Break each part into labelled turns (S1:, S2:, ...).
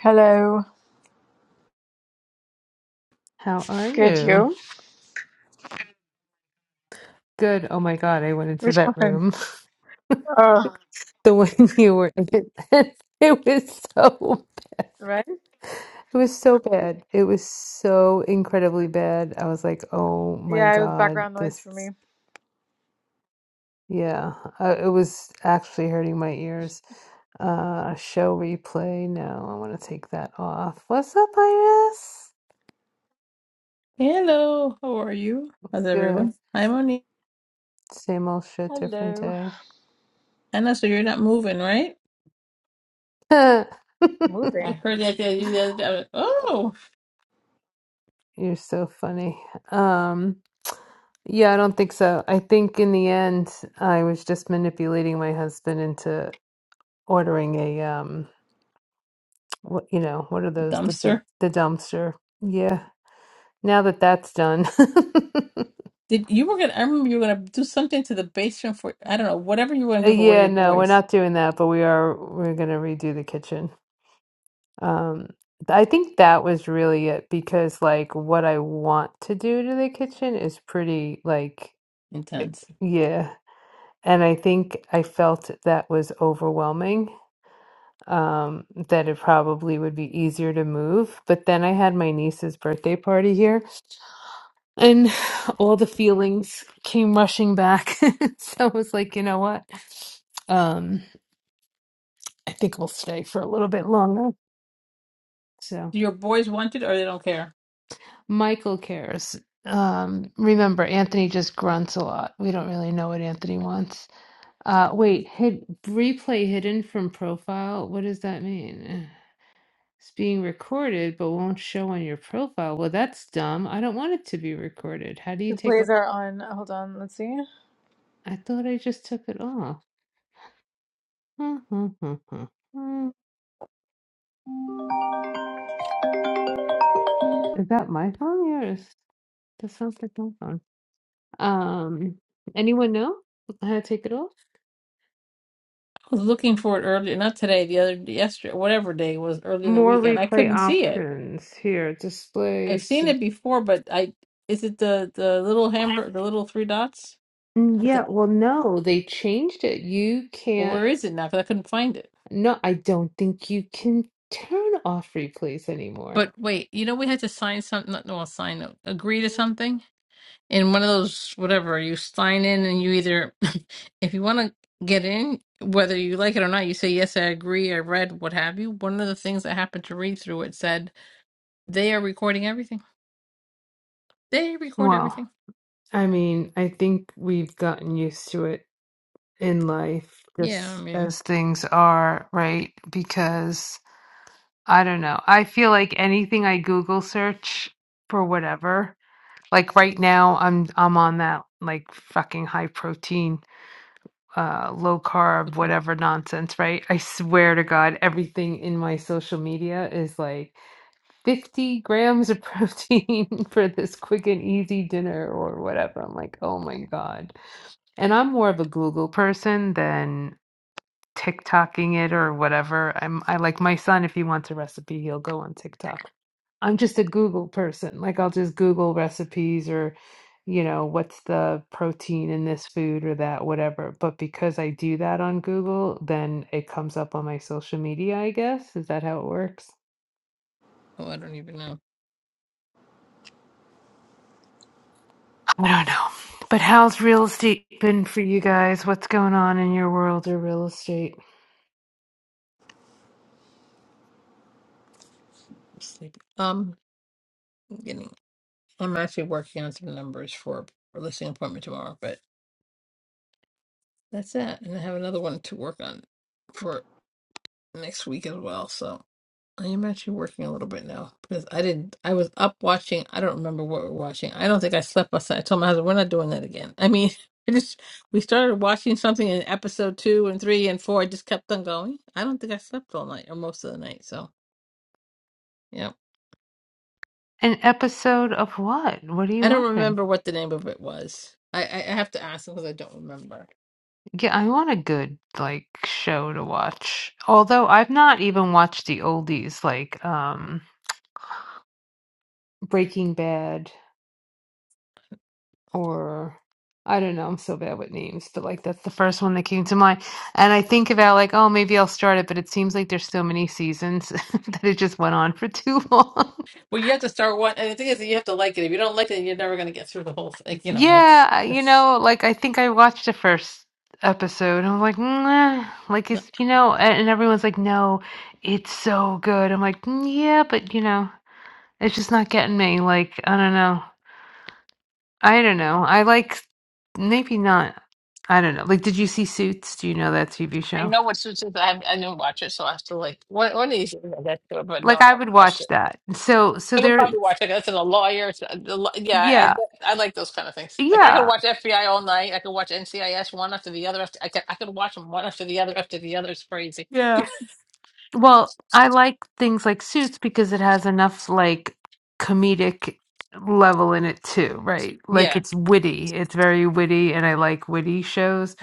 S1: Hello.
S2: How are
S1: Good,
S2: you?
S1: you?
S2: Good. Oh my God, I went into
S1: Which
S2: that
S1: one?
S2: room.
S1: Oh,
S2: The one you were in. It was so,
S1: right?
S2: it was so bad. It was so incredibly bad. I was like, oh my
S1: Yeah, it was
S2: God,
S1: background noise
S2: this,
S1: for me.
S2: is- yeah, uh, it was actually hurting my ears. Uh, show replay. No, I want to take that off. What's up, Iris?
S3: Hello, how are you? How's
S2: Good.
S3: everyone? Hi, Monique.
S2: Same old shit, different
S1: Hello.
S3: Anna, so you're not moving, right?
S2: day.
S1: Moving.
S3: I heard that the you the other day. I was, like, oh,
S2: You're so funny. Um, yeah, I don't think so. I think in the end, I was just manipulating my husband into ordering a um, what you know, what are
S3: a
S2: those? The big,
S3: dumpster.
S2: the dumpster. Yeah. Now that that's done.
S3: Did you were gonna? I remember you were gonna do something to the basement for I don't know whatever you were gonna
S2: Uh,
S3: do for one of
S2: Yeah,
S3: your
S2: no, we're
S3: boys.
S2: not doing that, but we are we're gonna redo the kitchen. Um, I think that was really it because like what I want to do to the kitchen is pretty like it,
S3: Intense.
S2: yeah. And I think I felt that was overwhelming, um, that it probably would be easier to move. But then I had my niece's birthday party here, and all the feelings came rushing back. So I was like, you know what? Um, I think we will stay for a little bit longer. So
S3: Do your boys want it or they don't care?
S2: Michael cares. Um, remember, Anthony just grunts a lot. We don't really know what Anthony wants. Uh, wait, hid replay hidden from profile. What does that mean? It's being recorded, but won't show on your profile. Well, that's dumb. I don't want it to be recorded. How do you
S1: The
S2: take off?
S1: plays are on. Hold on, let's see.
S2: I thought I just took it off. Huh, huh, huh, huh, huh. Is that my phone? Yours? that sounds like my phone. Um, anyone know how to take it off?
S3: I was looking for it earlier, not today, the other yesterday, whatever day it was early in the
S2: More
S3: week, and I
S2: replay
S3: couldn't see it.
S2: options here. Display.
S3: I've seen
S2: See.
S3: it before, but I is it the the little hamburger, the little three dots?
S2: Mm,
S3: But the,
S2: Yeah, well, no, they changed it. You
S3: well,
S2: can't.
S3: where is it now? Because I couldn't find it.
S2: No, I don't think you can turn off replays anymore.
S3: But wait, you know we had to sign something. Not, well, sign no, agree to something in one of those whatever you sign in, and you either, if you want to get in, whether you like it or not, you say yes, I agree, I read, what have you. One of the things I happened to read through it said they are recording everything. They record
S2: Wow.
S3: everything.
S2: I mean, I think we've gotten used to it in life
S3: Yeah, I
S2: just
S3: mean,
S2: as things are, right? Because I don't know. I feel like anything I Google search for whatever, like right now I'm I'm on that like fucking high protein, uh low
S3: the
S2: carb
S3: cor-
S2: whatever nonsense, right? I swear to God, everything in my social media is like 50 grams of protein for this quick and easy dinner or whatever. I'm like, "Oh my God." And I'm more of a Google person than TikToking it or whatever. I'm I like my son, if he wants a recipe, he'll go on TikTok. I'm just a Google person. Like I'll just Google recipes or, you know, what's the protein in this food or that, whatever. But because I do that on Google, then it comes up on my social media, I guess. Is that how it works?
S3: oh, I don't even know. I'm
S2: I don't know. But how's real estate been for you guys? What's going on in your world of real estate?
S3: sleepy. Um, I'm getting. I'm actually working on some numbers for a listing appointment tomorrow, but that's that. And I have another one to work on for next week as well. So. I am actually working a little bit now because I did. I was up watching. I don't remember what we are watching. I don't think I slept last night. I told my husband we're not doing that again. I mean, I just we started watching something in episode two and three and four. I just kept on going. I don't think I slept all night or most of the night. So yeah.
S2: An episode of what? What do you
S3: I don't
S2: want? then?
S3: remember what the name of it was. I I, I have to ask because I don't remember.
S2: Yeah, I want a good like show to watch. Although I've not even watched the oldies like um Breaking Bad or I don't know, I'm so bad with names, but like that's the first one that came to mind. And I think about like, oh, maybe I'll start it, but it seems like there's so many seasons that it just went on for too long.
S3: Well, you have to start one, and the thing is that you have to like it. If you don't like it, you're never going to get through the whole thing. You know, it's
S2: Yeah, I- you
S3: it's.
S2: know, like I think I watched the first episode. I'm like, "Nah," like it's you know, a- and everyone's like, no, it's so good. I'm like, "Mm, yeah, but you know, it's just not getting me. Like, I don't know. I don't know. I like maybe not. I don't know. Like, did you see Suits? Do you know that TV
S3: I
S2: show?
S3: know what Suits is. I, I didn't watch it, so I have to like one, one of these days I get to it. But no,
S2: Like,
S3: I
S2: I would
S3: haven't watched
S2: watch
S3: it.
S2: that. So, so
S3: I would
S2: there,
S3: probably watch it. That's in a lawyer. It's a- the law- yeah, I,
S2: yeah,
S3: I I like those kind of things. Like I could
S2: yeah,
S3: watch FBI all night. I could watch NCIS one after the other. After, I could I could watch them one after the other after the other. It's crazy.
S2: yeah. Well, I like things like Suits because it has enough like comedic level in it too, right? Like
S3: Yeah,
S2: it's witty. It's very witty and I like witty shows.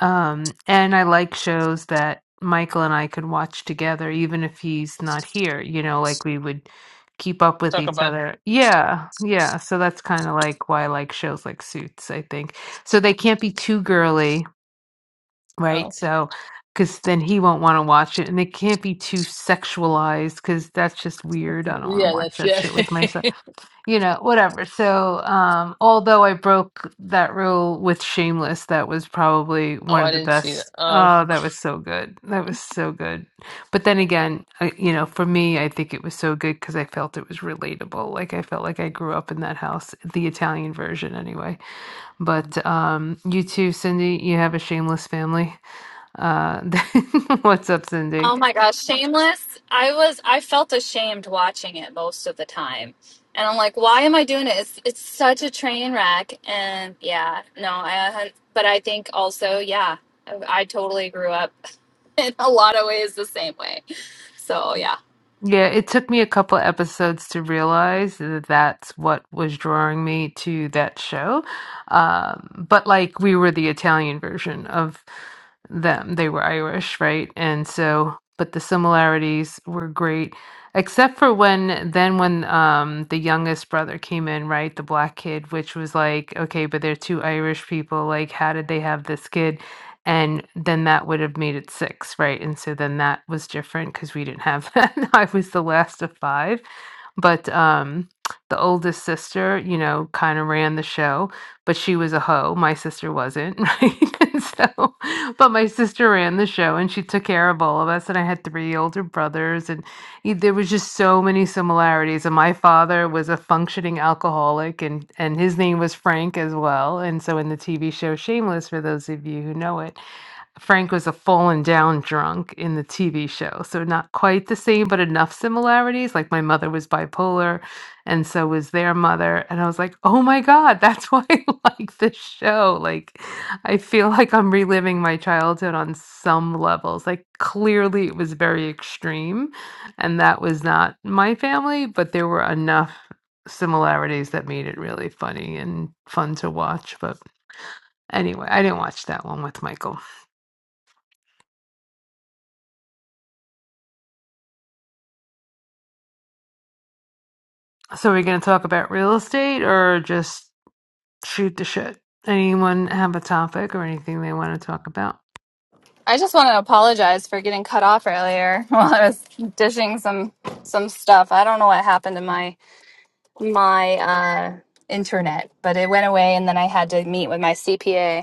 S2: Um and I like shows that Michael and I could watch together even if he's not here, you know, like we would keep up with
S3: talk
S2: each
S3: about
S2: other. Yeah. Yeah, so that's kind of like why I like shows like Suits, I think. So they can't be too girly Right?
S3: oh
S2: So, because then he won't want to watch it, and it can't be too sexualized because that's just weird. I don't want to
S3: yeah,
S2: watch
S3: that's
S2: that
S3: yeah.
S2: shit with myself, you know, whatever. So, um, although I broke that rule with Shameless, that was probably
S3: oh,
S2: one
S3: I
S2: of the
S3: didn't see that.
S2: best.
S3: oh.
S2: Oh, that was so good. That was so good. But then again, I, you know, for me, I think it was so good because I felt it was relatable. Like I felt like I grew up in that house, the Italian version anyway. But um, you too, Cindy, you have a shameless family. Uh, what's up, Cindy?
S4: Oh my gosh, Shameless. I was I felt ashamed watching it most of the time. And I'm like, why am I doing it? It's it's such a train wreck and yeah, no, I but I think also, yeah, I, I totally grew up in a lot of ways the same way. So, yeah.
S2: Yeah, it took me a couple episodes to realize that that's what was drawing me to that show. Um, but like we were the Italian version of them. They were Irish, right? And so, but the similarities were great, except for when then when um the youngest brother came in, right? The black kid, which was like, okay, but they're two Irish people. Like, how did they have this kid? And then that would have made it 6, right? And so then that was different because we didn't have that. I was the last of 5, but, um, the oldest sister, you know, kinda ran the show, but she was a hoe, my sister wasn't, right? And so but my sister ran the show, and she took care of all of us, and I had 3 older brothers, and y there was just so many similarities, and my father was a functioning alcoholic, and and his name was Frank as well, and so in the TV show Shameless, for those of you who know it, Frank was a fallen down drunk in the TV show. So not quite the same, but enough similarities. Like my mother was bipolar and so was their mother. And I was like, oh my God, that's why I like this show. Like I feel like I'm reliving my childhood on some levels. Like clearly it was very extreme. And that was not my family, but there were enough similarities that made it really funny and fun to watch. But anyway, I didn't watch that one with Michael. So we're going to talk about real estate or just shoot the shit? Anyone have a topic or anything they want to talk about?
S4: I just want to apologize for getting cut off earlier while I was dishing some some stuff. I don't know what happened to my my uh internet, but it went away and then I had to meet with my CPA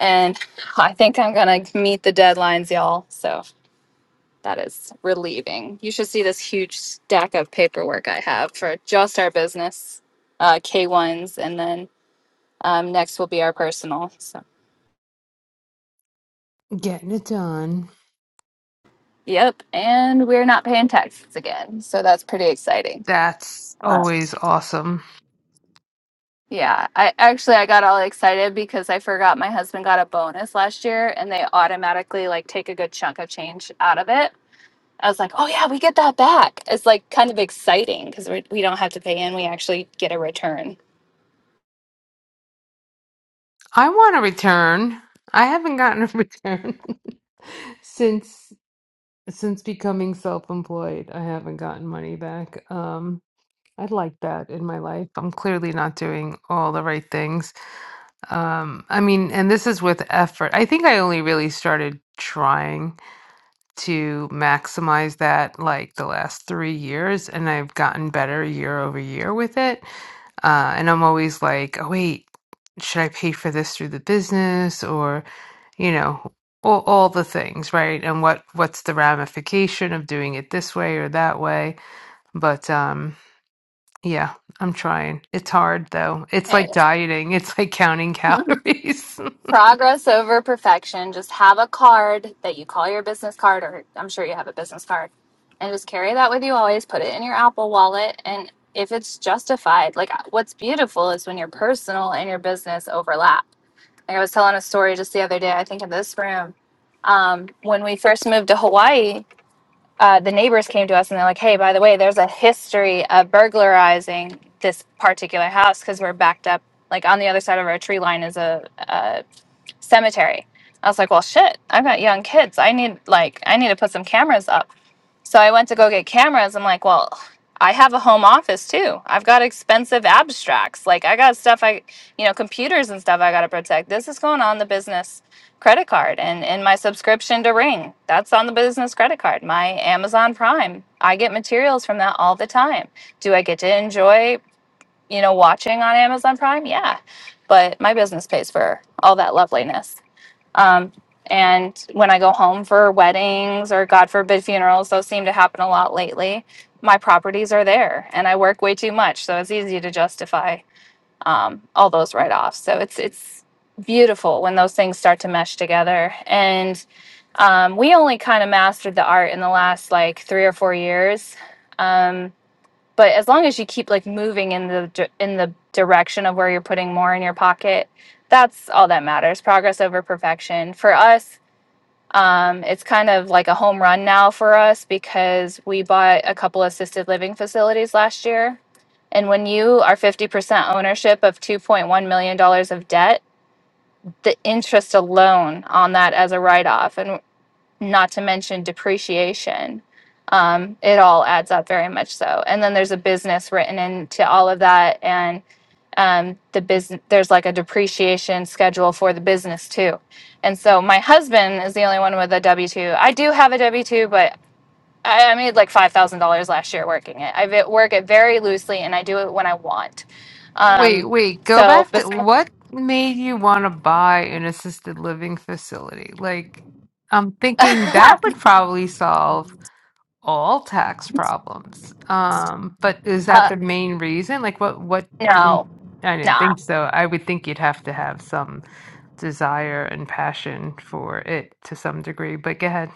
S4: And I think I'm going to meet the deadlines, y'all. So that is relieving. You should see this huge stack of paperwork I have for just our business uh, K1s. And then um, next will be our personal. So,
S2: Getting it done.
S4: yep. And we're not paying taxes again. So that's pretty exciting.
S2: That's
S4: Uh,
S2: always awesome.
S4: yeah, I actually I got all excited because I forgot my husband got a bonus last year and they automatically like take a good chunk of change out of it I was like, oh yeah, we get that back. It's like kind of exciting because we we don't have to pay in; we actually get a return.
S2: I want a return. I haven't gotten a return since since becoming self-employed. I haven't gotten money back. Um I'd like that in my life. I'm clearly not doing all the right things. Um I mean, and this is with effort. I think I only really started trying to maximize that like the last three years and I've gotten better year over year with it. Uh, and I'm always like, oh, wait, should I pay for this through the business or, you know, all, all the things, right? And what what's the ramification of doing it this way or that way? But um, yeah, I'm trying. It's hard though. It's
S4: Okay.
S2: like dieting. It's like counting
S4: Hmm.
S2: calories.
S4: Progress over perfection. Just have a card that you call your business card, or I'm sure you have a business card, and just carry that with you always. Put it in your Apple Wallet, and if it's justified, like uh, what's beautiful is when your personal and your business overlap. Like I was telling a story just the other day, I think in this room, um, when we first moved to Hawaii. uh, the neighbors came to us and they're like, hey, by the way, there's a history of burglarizing this particular house because we're backed up. Like on the other side of our tree line is a, a cemetery. I was like, well, shit, I've got young kids. I need like I need to put some cameras up. So I went to go get cameras. I'm like, well, I have a home office too. I've got expensive abstracts. Like I got stuff I, you know, computers and stuff I got to protect. This is going on the business credit card and and my subscription to Ring. That's on the business credit card. My Amazon Prime. I get materials from that all the time. Do I get to enjoy, you know, watching on Amazon Prime? Yeah. But my business pays for all that loveliness. Um, and when I go home for weddings or God forbid funerals, those seem to happen a lot lately. My properties are there, and I work way too much, so it's easy to justify um, all those write-offs. So it's it's beautiful when those things start to mesh together. And um, we only kind of mastered the art in the last like three or four years. Um, but as long as you keep like moving in the in the direction of where you're putting more in your pocket that's all that matters progress over perfection for us um, it's kind of like a home run now for us because we bought a couple assisted living facilities last year and when you are 50% ownership of $2.1 million dollars of debt the interest alone on that as a write-off and not to mention depreciation. Um, it all adds up very much so. And then there's a business written into all of that, and um, the business there's like a depreciation schedule for the business too. And so my husband is the only one with a W two. I do have a W two, but I, I made like five thousand dollars last year working it. I ve- work it very loosely, and I do it when I want.
S2: Wait,
S4: Um,
S2: wait, go
S4: so,
S2: back to
S4: bes-
S2: what made you want to buy an assisted living facility? Like, I'm thinking that would probably solve all tax problems. Um, but is that
S4: uh,
S2: the main reason? Like, what, what, in-
S4: no,
S2: I didn't
S4: no.
S2: think so. I would think you'd have to have some desire and passion for it to some degree, but go ahead.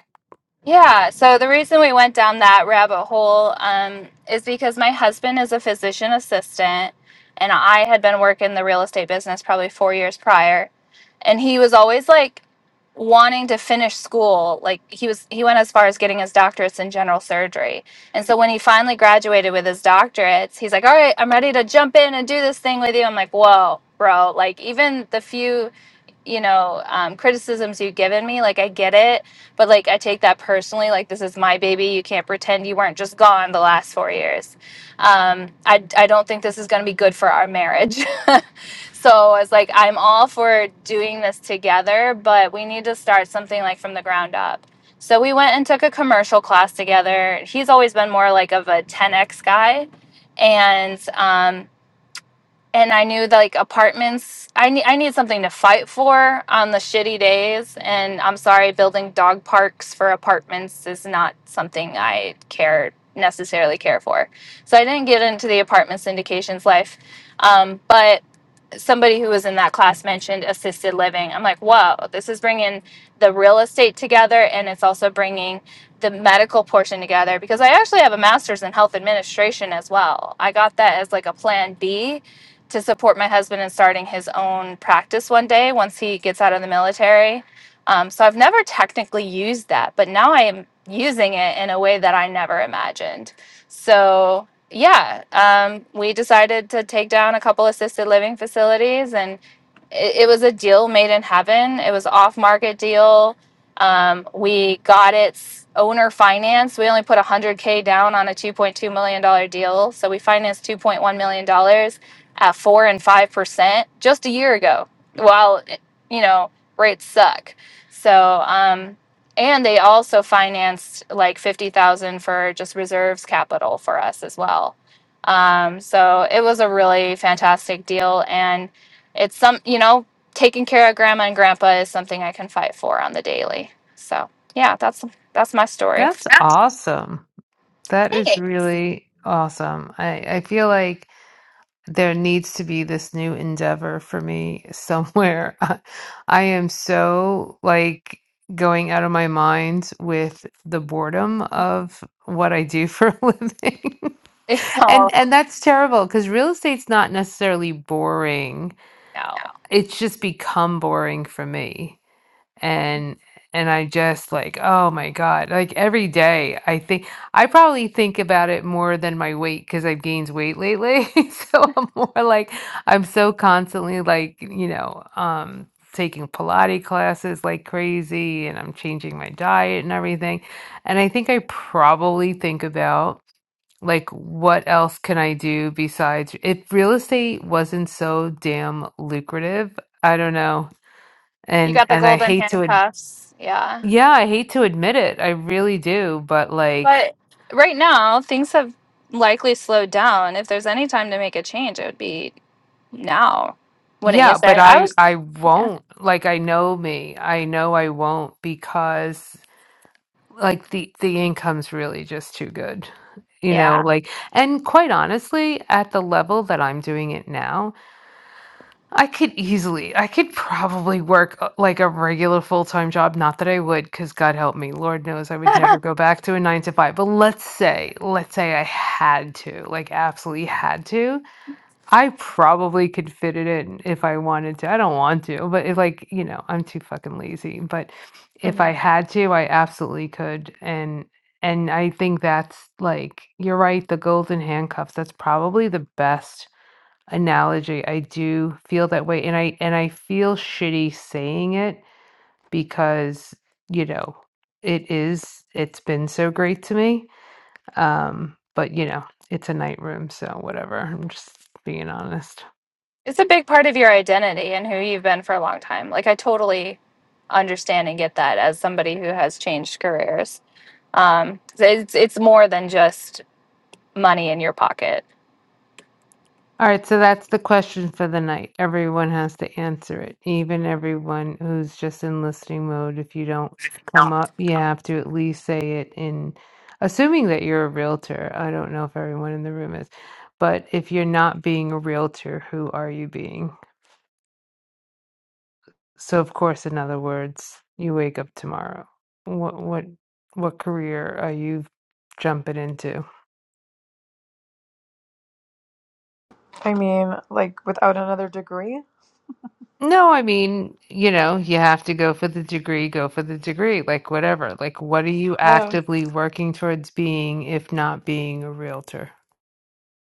S4: Yeah, so the reason we went down that rabbit hole um, is because my husband is a physician assistant, and I had been working the real estate business probably four years prior, and he was always like wanting to finish school. Like he was, he went as far as getting his doctorates in general surgery, and so when he finally graduated with his doctorates, he's like, "All right, I'm ready to jump in and do this thing with you." I'm like, "Whoa, bro! Like even the few." you know um, criticisms you've given me like i get it but like i take that personally like this is my baby you can't pretend you weren't just gone the last four years um, I, I don't think this is going to be good for our marriage so i was like i'm all for doing this together but we need to start something like from the ground up so we went and took a commercial class together he's always been more like of a 10x guy and um, and I knew that, like apartments. I need I need something to fight for on the shitty days, and I'm sorry, building dog parks for apartments is not something I care necessarily care for. So I didn't get into the apartment syndications life, um, but somebody who was in that class mentioned assisted living. I'm like, whoa, this is bringing the real estate together and it's also bringing the medical portion together because I actually have a master's in health administration as well. I got that as like a plan B to support my husband in starting his own practice one day once he gets out of the military. Um, so I've never technically used that, but now I am using it in a way that I never imagined. So yeah, um, we decided to take down a couple assisted living facilities, and it, it was a deal made in heaven. It was off market deal. Um, we got its owner finance. We only put 100k down on a 2.2 million dollar deal, so we financed 2.1 million dollars at four and five percent just a year ago. While you know rates suck, so. Um, and they also financed like 50,000 for just reserves capital for us as well. Um, so it was a really fantastic deal and it's some, you know, taking care of grandma and grandpa is something I can fight for on the daily. So, yeah, that's that's my story.
S2: That's awesome. That is
S4: Hey.
S2: really awesome. I, I feel like there needs to be this new endeavor for me somewhere. I, I am so like going out of my mind with the boredom of what I do for a living. and
S4: Oh,
S2: and that's terrible cuz real estate's not necessarily boring.
S4: no.
S2: It's just become boring for me and and I just like, oh my God. Like every day I think I probably think about it more than my weight because I've gained weight lately. So I'm more like I'm so constantly like, you know, um taking Pilates classes like crazy and I'm changing my diet and everything. And I think I probably think about like what else can I do besides if real estate wasn't so damn lucrative, I don't know.
S4: You
S2: And
S4: got the
S2: and I
S4: golden
S2: hate to
S4: handcuffs. Yeah.
S2: yeah, I hate to admit it. I really do, but like
S4: But right now, things have likely slowed down. If there's any time to make a change, it would be now. Wouldn't you
S2: yeah, but
S4: say? I
S2: I
S4: was
S2: I
S4: Yeah.
S2: won't. Like I know me. I know I won't because like the the income's really just too good. You know,
S4: Yeah.
S2: like and quite honestly, at the level that I'm doing it now, I could easily I could probably work uh, like a regular full-time job, not that I would because God help me, Lord knows I would never go back to a 9 to 5. But let's say, let's say I had to, like absolutely had to. I probably could fit it in if I wanted to. I don't want to, but if like, you know, I'm too fucking lazy. But if I
S4: Mhm.
S2: had to, I absolutely could. And and I think that's like you're right, the golden handcuffs, that's probably the best analogy. I do feel that way. And I and I feel shitty saying it because, you know, it is it's been so great to me. Um, but you know, it's a night room, so whatever. I'm just being honest.
S4: It's a big part of your identity and who you've been for a long time. Like I totally understand and get that as somebody who has changed careers. Um, so it's it's more than just money in your pocket.
S2: All right, so that's the question for the night. Everyone has to answer it, even everyone who's just in listening mode. If you don't come up, you have to at least say it in, assuming that you're a realtor. I don't know if everyone in the room is, but if you're not being a realtor, who are you being? So, of course, in other words, you wake up tomorrow. What what what career are you jumping into?
S1: I mean, like, without another degree?
S2: No, I mean, you know, you have to go for the degree, go for the degree, like whatever. Like, what are you
S1: Oh.
S2: actively working towards being, if not being a realtor?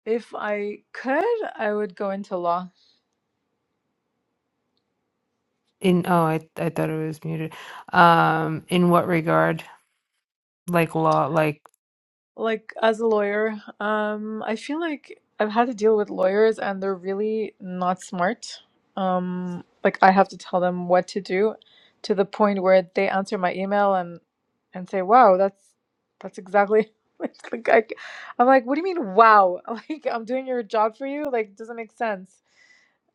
S1: If I could, I would go into law.
S2: In, oh, I, I thought it was muted. Um, in what regard? Like law, like
S1: like as a lawyer, um, I feel like I've had to deal with lawyers and they're really not smart. Um, like I have to tell them what to do to the point where they answer my email and and say, "Wow, that's that's exactly like, like I, I'm like, what do you mean, wow? Like I'm doing your job for you? Like doesn't make sense."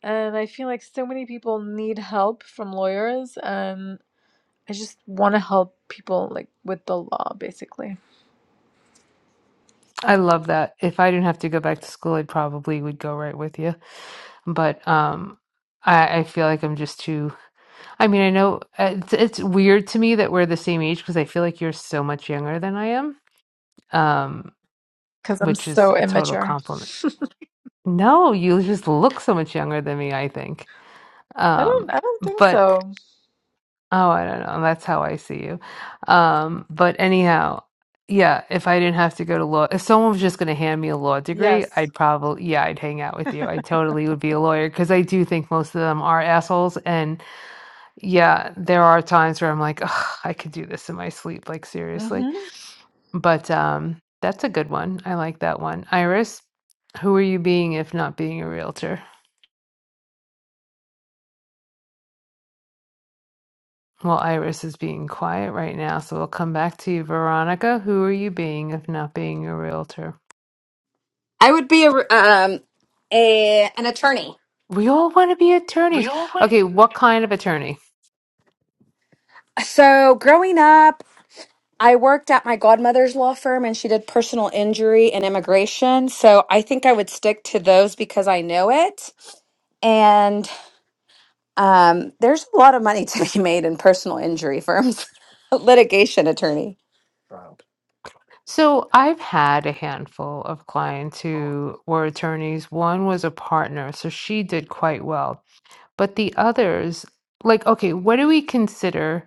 S1: And I feel like so many people need help from lawyers and I just want to help people like with the law basically
S2: I love that. If I didn't have to go back to school, I probably would go right with you. But um, I, I feel like I'm just too. I mean, I know uh, it's, it's weird to me that we're the same age because I feel like you're so much younger than I am. Um,
S1: because I'm
S2: which is
S1: so
S2: a total
S1: immature.
S2: compliment. No, you just look so much younger than me, I think.
S1: I don't I
S2: Um,
S1: don't think
S2: but
S1: so.
S2: oh, I don't know. That's how I see you. Um, but anyhow, yeah, if I didn't have to go to law, if someone was just going to hand me a law degree,
S1: Yes.
S2: I'd probably, yeah, I'd hang out with you. I totally would be a lawyer because I do think most of them are assholes. And yeah, there are times where I'm like, Ugh, I could do this in my sleep, like seriously.
S1: hmm
S2: But, um, that's a good one. I like that one. Iris, who are you being if not being a realtor? Well, Iris is being quiet right now, so we'll come back to you. Veronica, who are you being if not being a realtor?
S5: I would be a um a an attorney.
S2: We all want to be
S5: We
S2: attorneys.
S5: all would.
S2: Okay, what kind of attorney?
S5: So growing up, I worked at my godmother's law firm, and she did personal injury and immigration. So I think I would stick to those because I know it. And um, there's a lot of money to be made in personal injury firms. Litigation attorney. Wow.
S2: So I've had a handful of clients who were attorneys. One was a partner, so she did quite well. But the others, like, okay, what do we consider?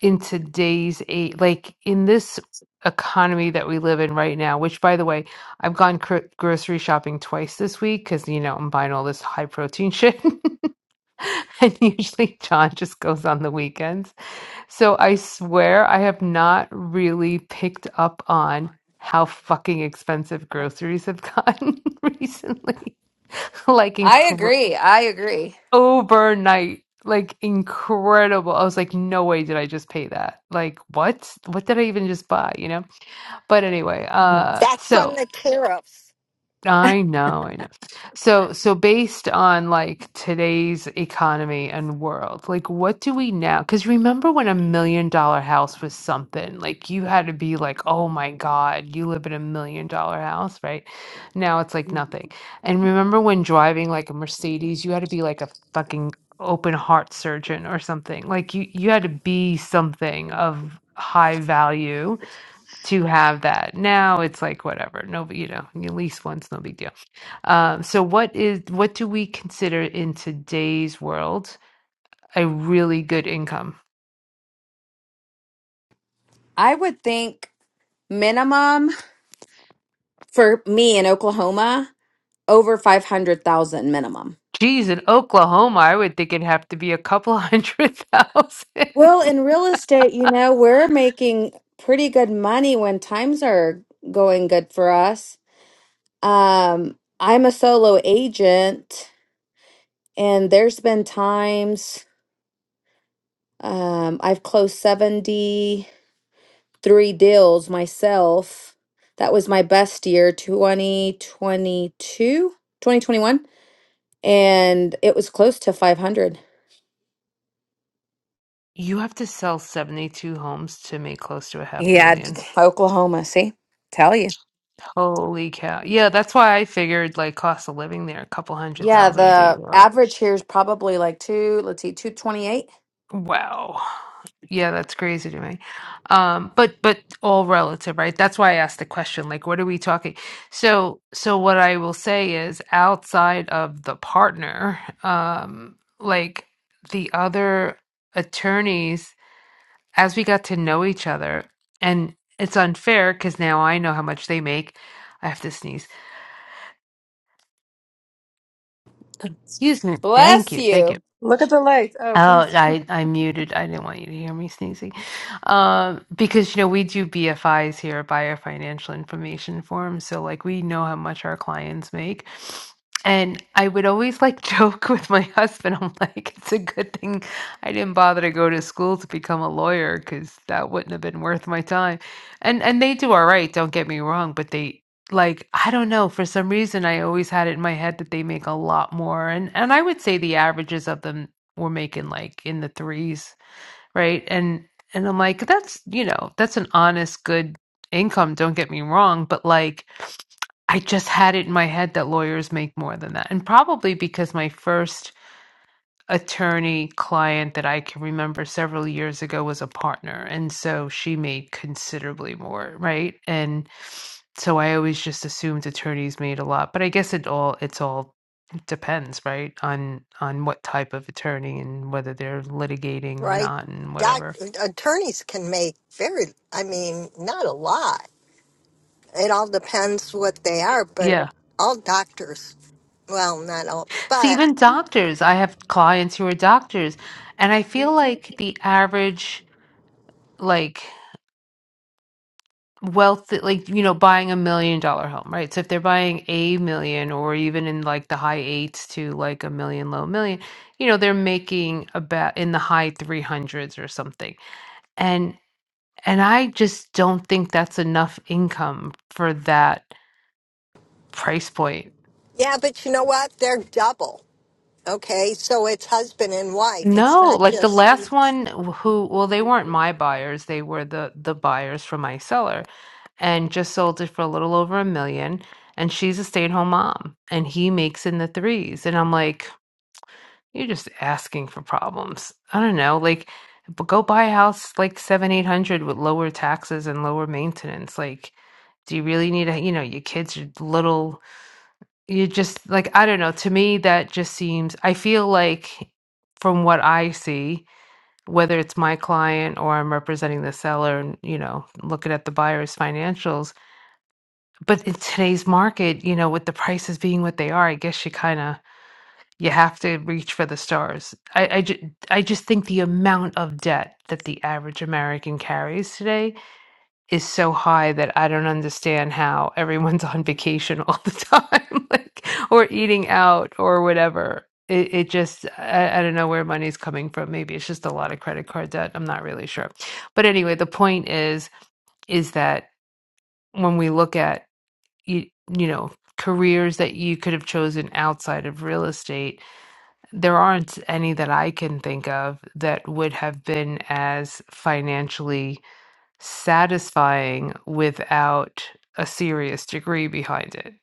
S2: in today's eight like in this economy that we live in right now which by the way i've gone gro- grocery shopping twice this week because you know i'm buying all this high protein shit and usually john just goes on the weekends so i swear i have not really picked up on how fucking expensive groceries have gotten recently like
S5: I agree. I agree.
S2: overnight. Like incredible. I was like, no way did I just pay that. Like, what? What did I even just buy? You know? But anyway, uh,
S6: That's
S2: so
S6: from the tariffs,
S2: I know, I know. So, so based on like today's economy and world, like what do we now? Because remember when a million dollar house was something, like you had to be like, oh my God, you live in a million dollar house, right? Now it's like nothing. And remember when driving like a Mercedes, you had to be like a fucking open heart surgeon or something. Like you, you had to be something of high value to have that. Now it's like whatever, no, you know, you lease once, no big deal. Um, so what is what do we consider in today's world a really good income?
S5: I would think minimum for me in Oklahoma over five hundred thousand minimum.
S2: Geez, in Oklahoma, I would think it'd have to be a couple hundred
S5: Well,
S2: thousand.
S5: in real estate, you know, we're making pretty good money when times are going good for us. Um, I'm a solo agent, and there's been times um, I've closed 73 deals myself. That was my best year, 2022, 2021, and it was close to 500.
S2: You have to sell 72 homes to make close to a half a
S5: Yeah, d-
S2: million.
S5: Oklahoma, see? Tell you.
S2: Holy cow. Yeah, that's why I figured like cost of living there, a couple hundred
S5: Yeah,
S2: thousand a
S5: the
S2: year.
S5: average here is probably like two, let's see, 228.
S2: Wow. Yeah, that's crazy to me. Um, but but all relative, right? That's why I asked the question, like, what are we talking? So so what I will say is outside of the partner, um, like the other attorneys, as we got to know each other, and it's unfair because now I know how much they make. I have to sneeze. Excuse me. Thank
S5: Bless
S2: you. Thank
S5: you.
S2: you.
S1: Look at the light. Oh,
S2: Oh,
S1: bless you.
S2: I I muted. I didn't want you to hear me sneezing. Um, because you know, we do BFIs here, buyer financial information forms, so like we know how much our clients make. And I would always like joke with my husband, I'm like, it's a good thing I didn't bother to go to school to become a lawyer because that wouldn't have been worth my time. And and they do all right, don't get me wrong, but they like I don't know, for some reason I always had it in my head that they make a lot more. And and I would say the averages of them were making like in the threes, right? And and I'm like, that's you know, that's an honest, good income, don't get me wrong, but like I just had it in my head that lawyers make more than that. And probably because my first attorney client that I can remember several years ago was a partner. And so she made considerably more, right? And so I always just assumed attorneys made a lot. But I guess it all it's all depends, right? On on what type of attorney and whether they're litigating or
S6: right?
S2: not and
S6: Doc,
S2: whatever.
S6: attorneys can make very, I mean, not a lot. It all depends what they are, but
S2: Yeah.
S6: all doctors, well, not all,
S2: See,
S6: but
S2: even doctors, I have clients who are doctors, and I feel like the average like wealth like you know buying a million dollar home right so if they're buying a million or even in like the high eights to like a million low million you know they're making about in the high 300s or something and and i just don't think that's enough income for that price point
S6: yeah, but you know what? They're double. Okay, so it's husband and wife. It's
S2: no
S6: not
S2: like the
S6: just
S2: last one who well they weren't my buyers they were the the buyers from my seller and just sold it for a little over a million. And she's a stay at home mom and he makes in the threes. And I'm like, you're just asking for problems. I don't know. Like, but go buy a house like seven, 800 with lower taxes and lower maintenance. Like, do you really need a, you know, your kids are little, you just like, I don't know. To me, that just seems, I feel like from what I see, whether it's my client or I'm representing the seller and, you know, looking at the buyer's financials, but in today's market, you know, with the prices being what they are, I guess you kind of you have to reach for the stars. I I, ju- I just think the amount of debt that the average American carries today is so high that I don't understand how everyone's on vacation all the time, like or eating out or whatever. It, it just I, I don't know where money's coming from. Maybe it's just a lot of credit card debt. I'm not really sure. But anyway, the point is is that when we look at you, you know, careers that you could have chosen outside of real estate, there aren't any that I can think of that would have been as financially satisfying without a serious degree behind it.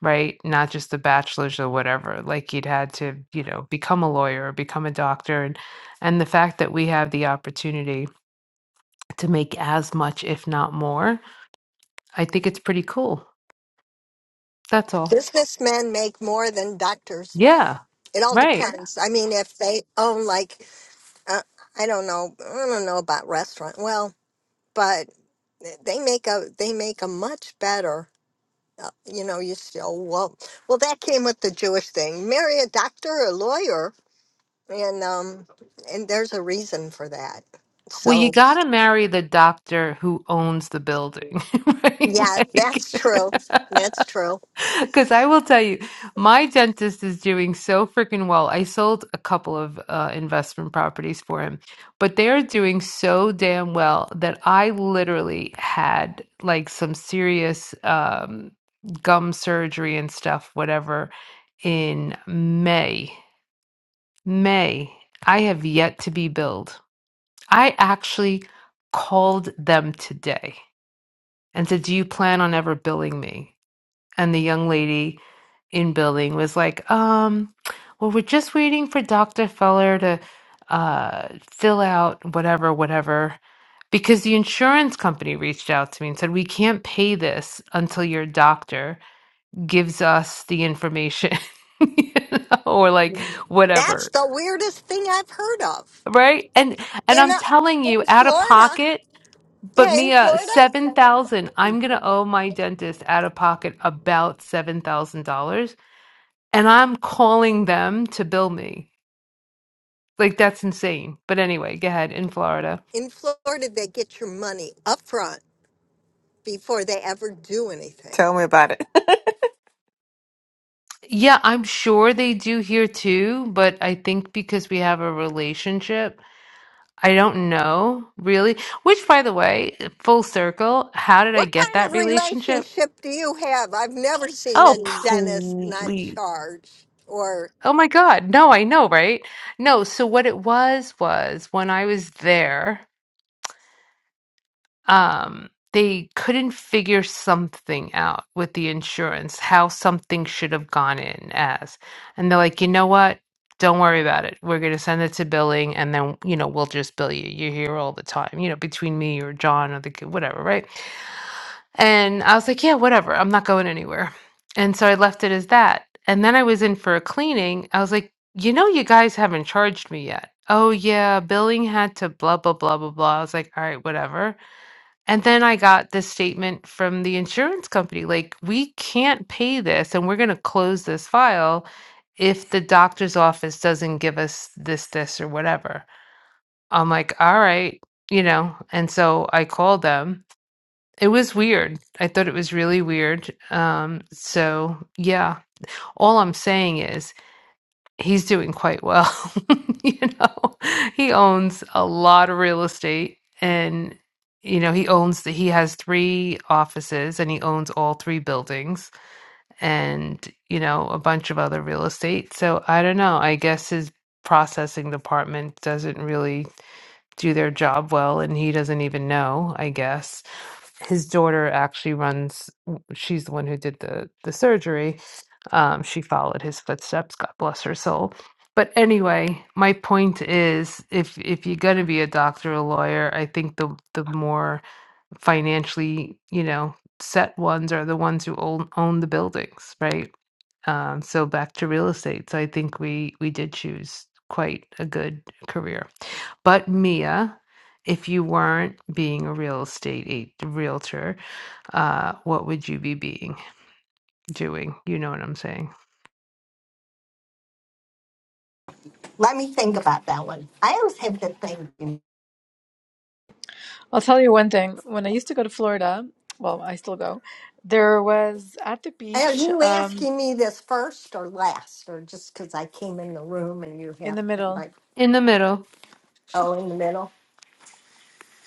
S2: Right? Not just a bachelor's or whatever. Like you'd had to, you know, become a lawyer or become a doctor. And, and the fact that we have the opportunity to make as much, if not more, I think it's pretty cool. That's all.
S6: businessmen make more than doctors.
S2: Yeah.
S6: It all
S2: Right.
S6: depends. I mean, if they own like, uh, I don't know, I don't know about restaurant. Well, but they make a they make a much better uh, you know, you still well. Well, that came with the Jewish thing. Marry a doctor or lawyer, and um, and there's a reason for that.
S2: Well, you
S6: So
S2: got to marry the doctor who owns the building, right?
S6: yeah,
S2: Like,
S6: that's true. That's true.
S2: because I will tell you, my dentist is doing so freaking well. I sold a couple of uh, investment properties for him, but they're doing so damn well that I literally had like some serious um, gum surgery and stuff, whatever, in May. May. I have yet to be billed. I actually called them today. and said, Do you plan on ever billing me? And the young lady in billing was like, Um, well, we're just waiting for Dr. Feller to uh, fill out whatever, whatever. Because the insurance company reached out to me and said, We can't pay this until your doctor gives us the information you know, or like
S6: That's
S2: whatever.
S6: the weirdest thing I've heard of
S2: Right. And and
S6: in
S2: I'm telling
S6: uh
S2: you,
S6: in
S2: out of
S6: Florida.
S2: pocket. But
S6: Yeah, in
S2: Mia, seven
S6: Florida.
S2: thousand. I'm gonna owe my dentist out of pocket about seven thousand dollars, and I'm calling them to bill me. Like that's insane. But anyway, go ahead in Florida.
S6: In Florida, they get your money up front before they ever do anything.
S7: Tell me about it.
S2: Yeah, I'm sure they do here too, but I think because we have a relationship, I don't know really. Which, by the way, full circle, how did I
S6: What
S2: get
S6: kind
S2: that
S6: of
S2: relationship?
S6: relationship do you have? I've never seen
S2: Oh,
S6: a dentist not
S2: please.
S6: charge, or
S2: Oh my God. No, I know, right? No, so what it was was when I was there, um, they couldn't figure something out with the insurance, how something should have gone in as. And they're like, you know what? Don't worry about it. We're going to send it to billing and then, you know, we'll just bill you. You're here all the time, you know, between me or John or the, ki- whatever, right? And I was like, yeah, whatever. I'm not going anywhere. And so I left it as that. And then I was in for a cleaning. I was like, you know, you guys haven't charged me yet. Oh, yeah, billing had to blah, blah, blah, blah, blah. I was like, all right, whatever. And then I got this statement from the insurance company like, we can't pay this and we're going to close this file if the doctor's office doesn't give us this, this, or whatever. I'm like, all right, you know. And so I called them it was weird. I thought it was really weird. Um, so yeah, all I'm saying is he's doing quite well. You know, he owns a lot of real estate and you know, he owns the, he has three offices and he owns all three buildings and, you know, a bunch of other real estate. So I don't know. I guess his processing department doesn't really do their job well and he doesn't even know i guess his daughter actually runs she's the one who did the the surgery um, she followed his footsteps god bless her soul but anyway my point is if if you're going to be a doctor or a lawyer i think the the more financially you know set ones are the ones who own own the buildings right um, so back to real estate so i think we we did choose quite a good career but Mia, if you weren't being a real estate a- realtor, uh, what would you be being doing? You know what I'm saying?
S1: I'll tell you one thing. When I used to go to Florida, well, I still go, there was at the
S6: Are
S1: beach,
S6: you
S1: um,
S6: asking me this first or last, or just because I came in the room and you
S1: in
S6: have
S1: the middle.
S6: like
S2: In the middle,
S6: oh in the middle?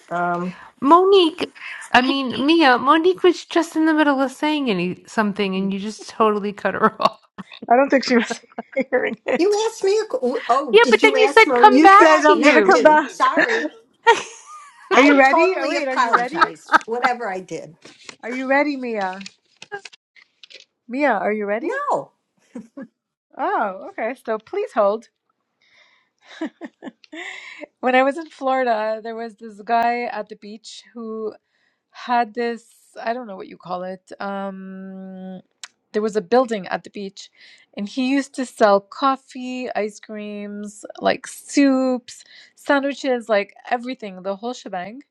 S6: Um,
S2: Monique. I mean, Mia. Monique was just in the middle of saying any something, and you just totally cut her off.
S1: I don't think she was hearing it.
S6: you asked me. A, qu- oh,
S2: Yeah, but
S6: did you
S2: then you
S6: ask
S2: said, "Come
S1: You
S6: Monique
S2: back
S1: said
S6: that?
S2: to
S1: I'm gonna
S6: Not
S2: you."
S1: come
S6: me.
S1: back.
S6: Sorry,
S1: Are
S6: I
S1: you ready? Oh,
S6: totally
S1: wait, are you ready?
S6: apologize. Whatever I did.
S1: Are you ready, Mia? Mia, are you ready?
S6: No.
S1: Oh, okay. So please hold. when I was in Florida, there was this guy at the beach who had this i don't know what you call it um there was a building at the beach and he used to sell coffee ice creams like soups sandwiches like everything the whole shebang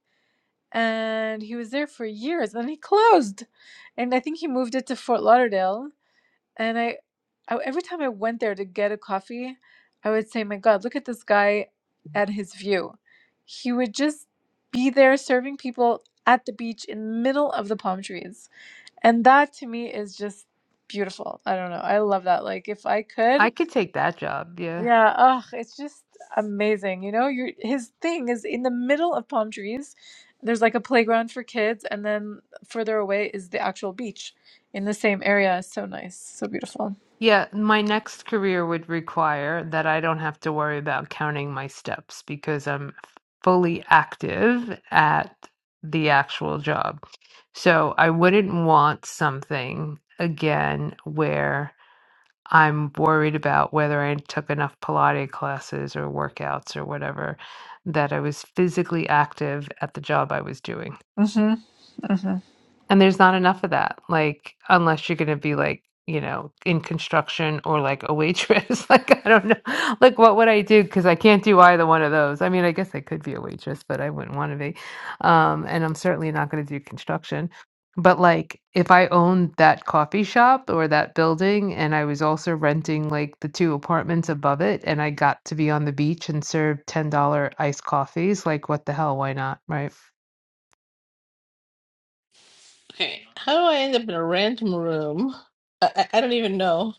S1: and he was there for years and he closed and i think he moved it to fort lauderdale and I, I every time I went there to get a coffee, I would say, "My God, look at this guy at his view." He would just be there serving people at the beach in middle of the palm trees. And that to me is just beautiful. I don't know. I love that. Like if I could,
S2: I could take that job, yeah.
S1: yeah, ugh, it's just amazing. You know, your his thing is in the middle of palm trees. There's like a playground for kids, and then further away is the actual beach in the same area. so nice, so beautiful.
S2: Yeah, my next career would require that I don't have to worry about counting my steps because I'm fully active at the actual job. So I wouldn't want something again where I'm worried about whether I took enough Pilates classes or workouts or whatever that I was physically active at the job I was doing.
S1: Mm-hmm. Mm-hmm.
S2: And there's not enough of that, like, unless you're gonna be, like, you know, in construction or, like, a waitress, like, I don't know. Like, what would I do? Because I can't do either one of those. I mean, I guess I could be a waitress, but I wouldn't wanna be. Um, and I'm certainly not gonna do construction. But, like, if I owned that coffee shop or that building and I was also renting, like, the 2 apartments above it and I got to be on the beach and serve $10 iced coffees, like, what the hell, why not, right?
S3: Okay, how do I end up in a random room? I, I, I don't even know.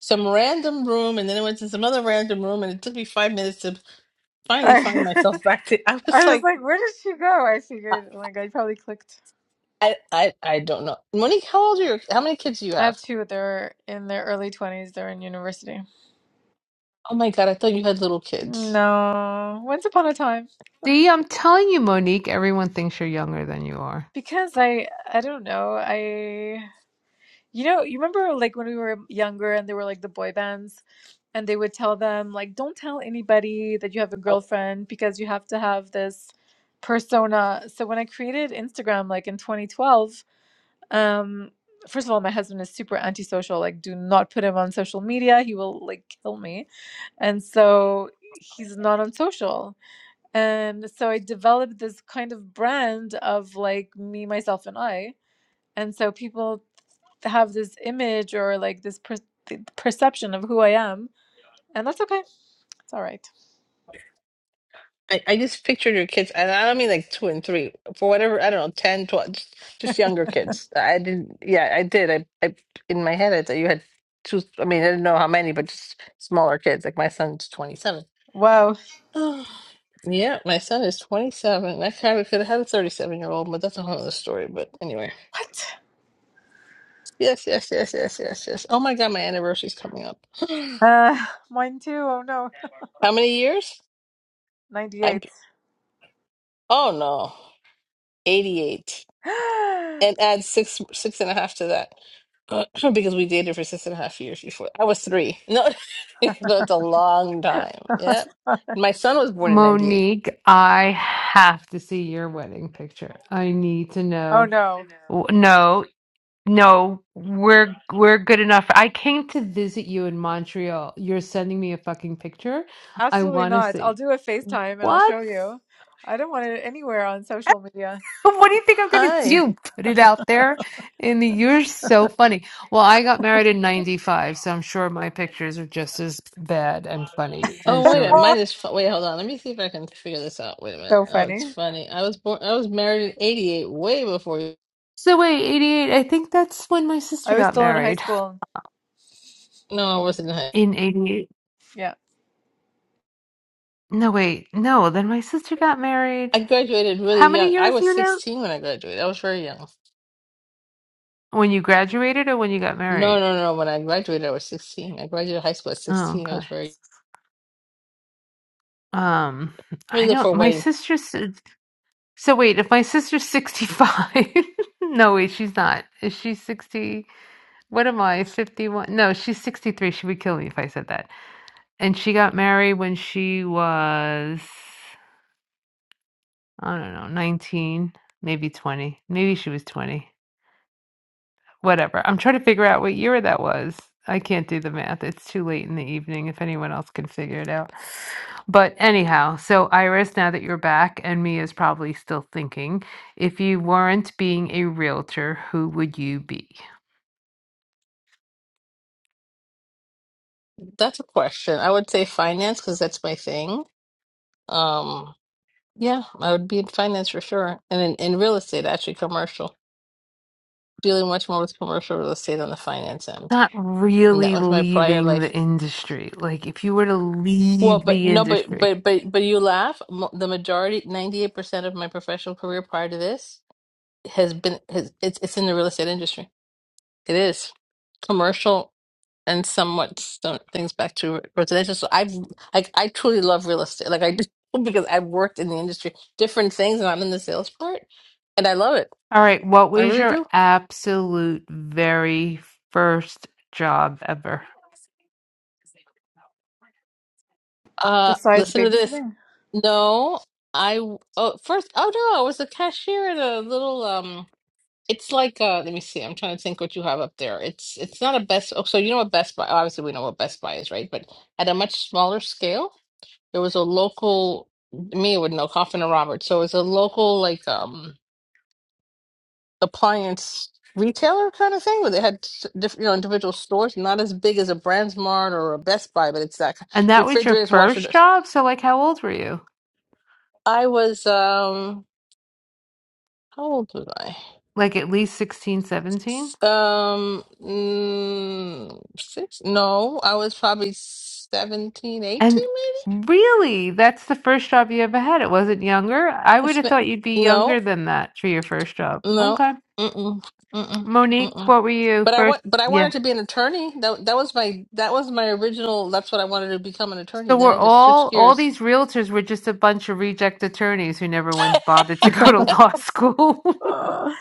S3: Some random room, and then I went to some other random room, and it took me five minutes to finally find
S1: I,
S3: myself back to. I was
S1: I was
S3: like,
S1: like, where did she go? I
S3: I,
S1: figured, like, I probably clicked.
S3: I, I I don't know. Monique, how old are your? How many kids do you
S1: I have
S3: have?
S1: two. They're in their early 20s. They're in university.
S3: Oh my God, I thought you had little kids.
S1: No, once upon a time.
S2: See, I'm telling you, Monique, everyone thinks you're younger than you are.
S1: Because I, I don't know. I, you know, you remember like when we were younger and they were like the boy bands and they would tell them, like, don't tell anybody that you have a girlfriend because you have to have this persona. So when I created Instagram, like in 2012, Um, first of all, my husband is super antisocial. Like, do not put him on social media. He will like kill me. And so he's not on social. And so I developed this kind of brand of like me, myself, and I. And so people have this image or like this per- th- perception of who I am. And that's okay. It's all right.
S3: I, I just pictured your kids, and I don't mean like two and three, for whatever, I don't know, 10 12 just, just younger kids. I didn't, yeah, I did. I, I, in my head, I thought you had two, I mean, I didn't know how many, but just smaller kids. Like my son's 27.
S1: Wow.
S3: Oh, yeah, my son is 27. I kind of could have had a 37 year old, but that's a whole other story. But anyway, yes, yes, yes, yes, yes, yes. Oh my God, my anniversary's coming up.
S1: Uh, mine too. Oh no.
S3: How many years? I'm,
S1: 98.
S3: oh no, 88.
S1: oh
S3: and add six six and a half to that uh, because we dated for six and a half years before I was three. No, that's a long time.
S1: my
S3: Yep,
S1: God.
S3: my son was born in '98.
S2: Monique, I have to see your wedding picture. I need to
S1: Oh
S2: know.
S1: no.
S2: W- No, no, we're we're good enough. I came to visit you in Montreal. You're sending me a fucking picture. I
S1: Absolutely
S2: want to
S1: not. I'll
S2: see.
S1: do a FaceTime and I'll
S2: What?
S1: show you. I don't want it anywhere on social media.
S2: What do you think I'm gonna
S3: Hi.
S2: do? Put it out there? And you're so funny. Well, I got married in 95, so I'm sure my pictures are just as bad and funny
S3: Oh
S2: as
S3: wait a minute,
S2: yours.
S3: mine is fu- wait. Hold on, let me see if I can figure this out. Wait a minute.
S1: So
S3: Oh, it's
S1: funny.
S3: funny. I was born. I was married in '88, way before you.
S2: So wait, 88, I think that's when my sister
S1: I was
S2: got
S1: still in high
S2: married.
S1: school.
S3: No, I wasn't. in high-
S2: In 88.
S1: Yeah.
S2: No, wait. No, then my sister got married.
S3: I graduated really
S2: How many
S3: young. I
S2: years
S3: was
S2: you now?
S3: 16 when I graduated. I was very young.
S2: When you graduated or when you got
S3: No,
S2: married?
S3: no, no. When I graduated, I was 16. I graduated high school at
S2: Oh,
S3: 16. I
S2: okay.
S3: was very
S2: Um,
S3: Three
S2: I
S3: to
S2: don't
S3: four
S2: my
S3: wedding.
S2: sister's so wait, if my sister's 65. No, wait, she's not. Is she 60? What am I? 51? No, she's 63. She would kill me if I said that. And she got married when she was I don't know, 19, maybe 20. Maybe she was 20. Whatever. I'm trying to figure out what year that was. I can't do the math. It's too late in the evening if anyone else can figure it out. But anyhow, so Iris, now that you're back, and Mia's probably still thinking, if you weren't being a realtor, who would you be?
S3: That's a question. I would say finance because that's my thing. Um, yeah, I would be in finance for sure, and in, in real estate, actually, commercial. Dealing much more with commercial real estate on the finance end,
S2: Not
S3: and that
S2: really
S3: was my prior
S2: leaving
S3: life.
S2: the industry. Like if you were to
S3: Well,
S2: leave
S3: but
S2: the
S3: no, but
S2: industry.
S3: but but but you laugh. Mo- The majority, ninety eight percent of my professional career prior to this has been has it's it's in the real estate industry. It is commercial and somewhat some things back to residential. So I've like I truly love real estate. Like I do because I've worked in the industry, different things, and I'm in the sales part, and I love it.
S2: All right, what
S3: I
S2: was
S3: really
S2: your
S3: do.
S2: absolute very first job ever?
S3: Uh,
S1: Besides
S3: listen to this.
S1: babysitting.
S3: No, I oh first oh no, I was a cashier at a little um. It's like uh, let me see. I'm trying to think what you have up there. It's it's not a Best. Oh, so you know what Best Buy? Obviously, we know what Best Buy is, right? But at a much smaller scale. There was a local me with no coffin and Roberts. So it's a local like um appliance retailer kind of thing where they had s- diff- you know individual stores, not as big as a Brandsmart or a Best Buy, but it's that ki-
S2: And that was your
S3: refrigerators,
S2: first
S3: washers.
S2: job? So like how old were you?
S3: I was um how old was I?
S2: Like at least sixteen, seventeen.
S3: S- Um mm, six? No, I was probably seventeen, eighteen, maybe.
S2: And really, that's the first job you ever had. It wasn't younger. I
S3: I
S2: would have
S3: spent,
S2: thought you'd be
S3: no,
S2: younger than that for your first job.
S3: no,
S2: Okay.
S3: mm-mm, mm-mm,
S2: Monique,
S3: mm-mm.
S2: what were you
S3: But I
S2: first?
S3: want, but I
S2: Yeah.
S3: wanted to be an attorney. That that was my that was my original. That's what I wanted to become an attorney.
S2: So
S3: Then
S2: we're
S3: I just switched
S2: all all
S3: gears.
S2: these realtors were just a bunch of reject attorneys who never went bothered to go to law school.
S1: Ugh.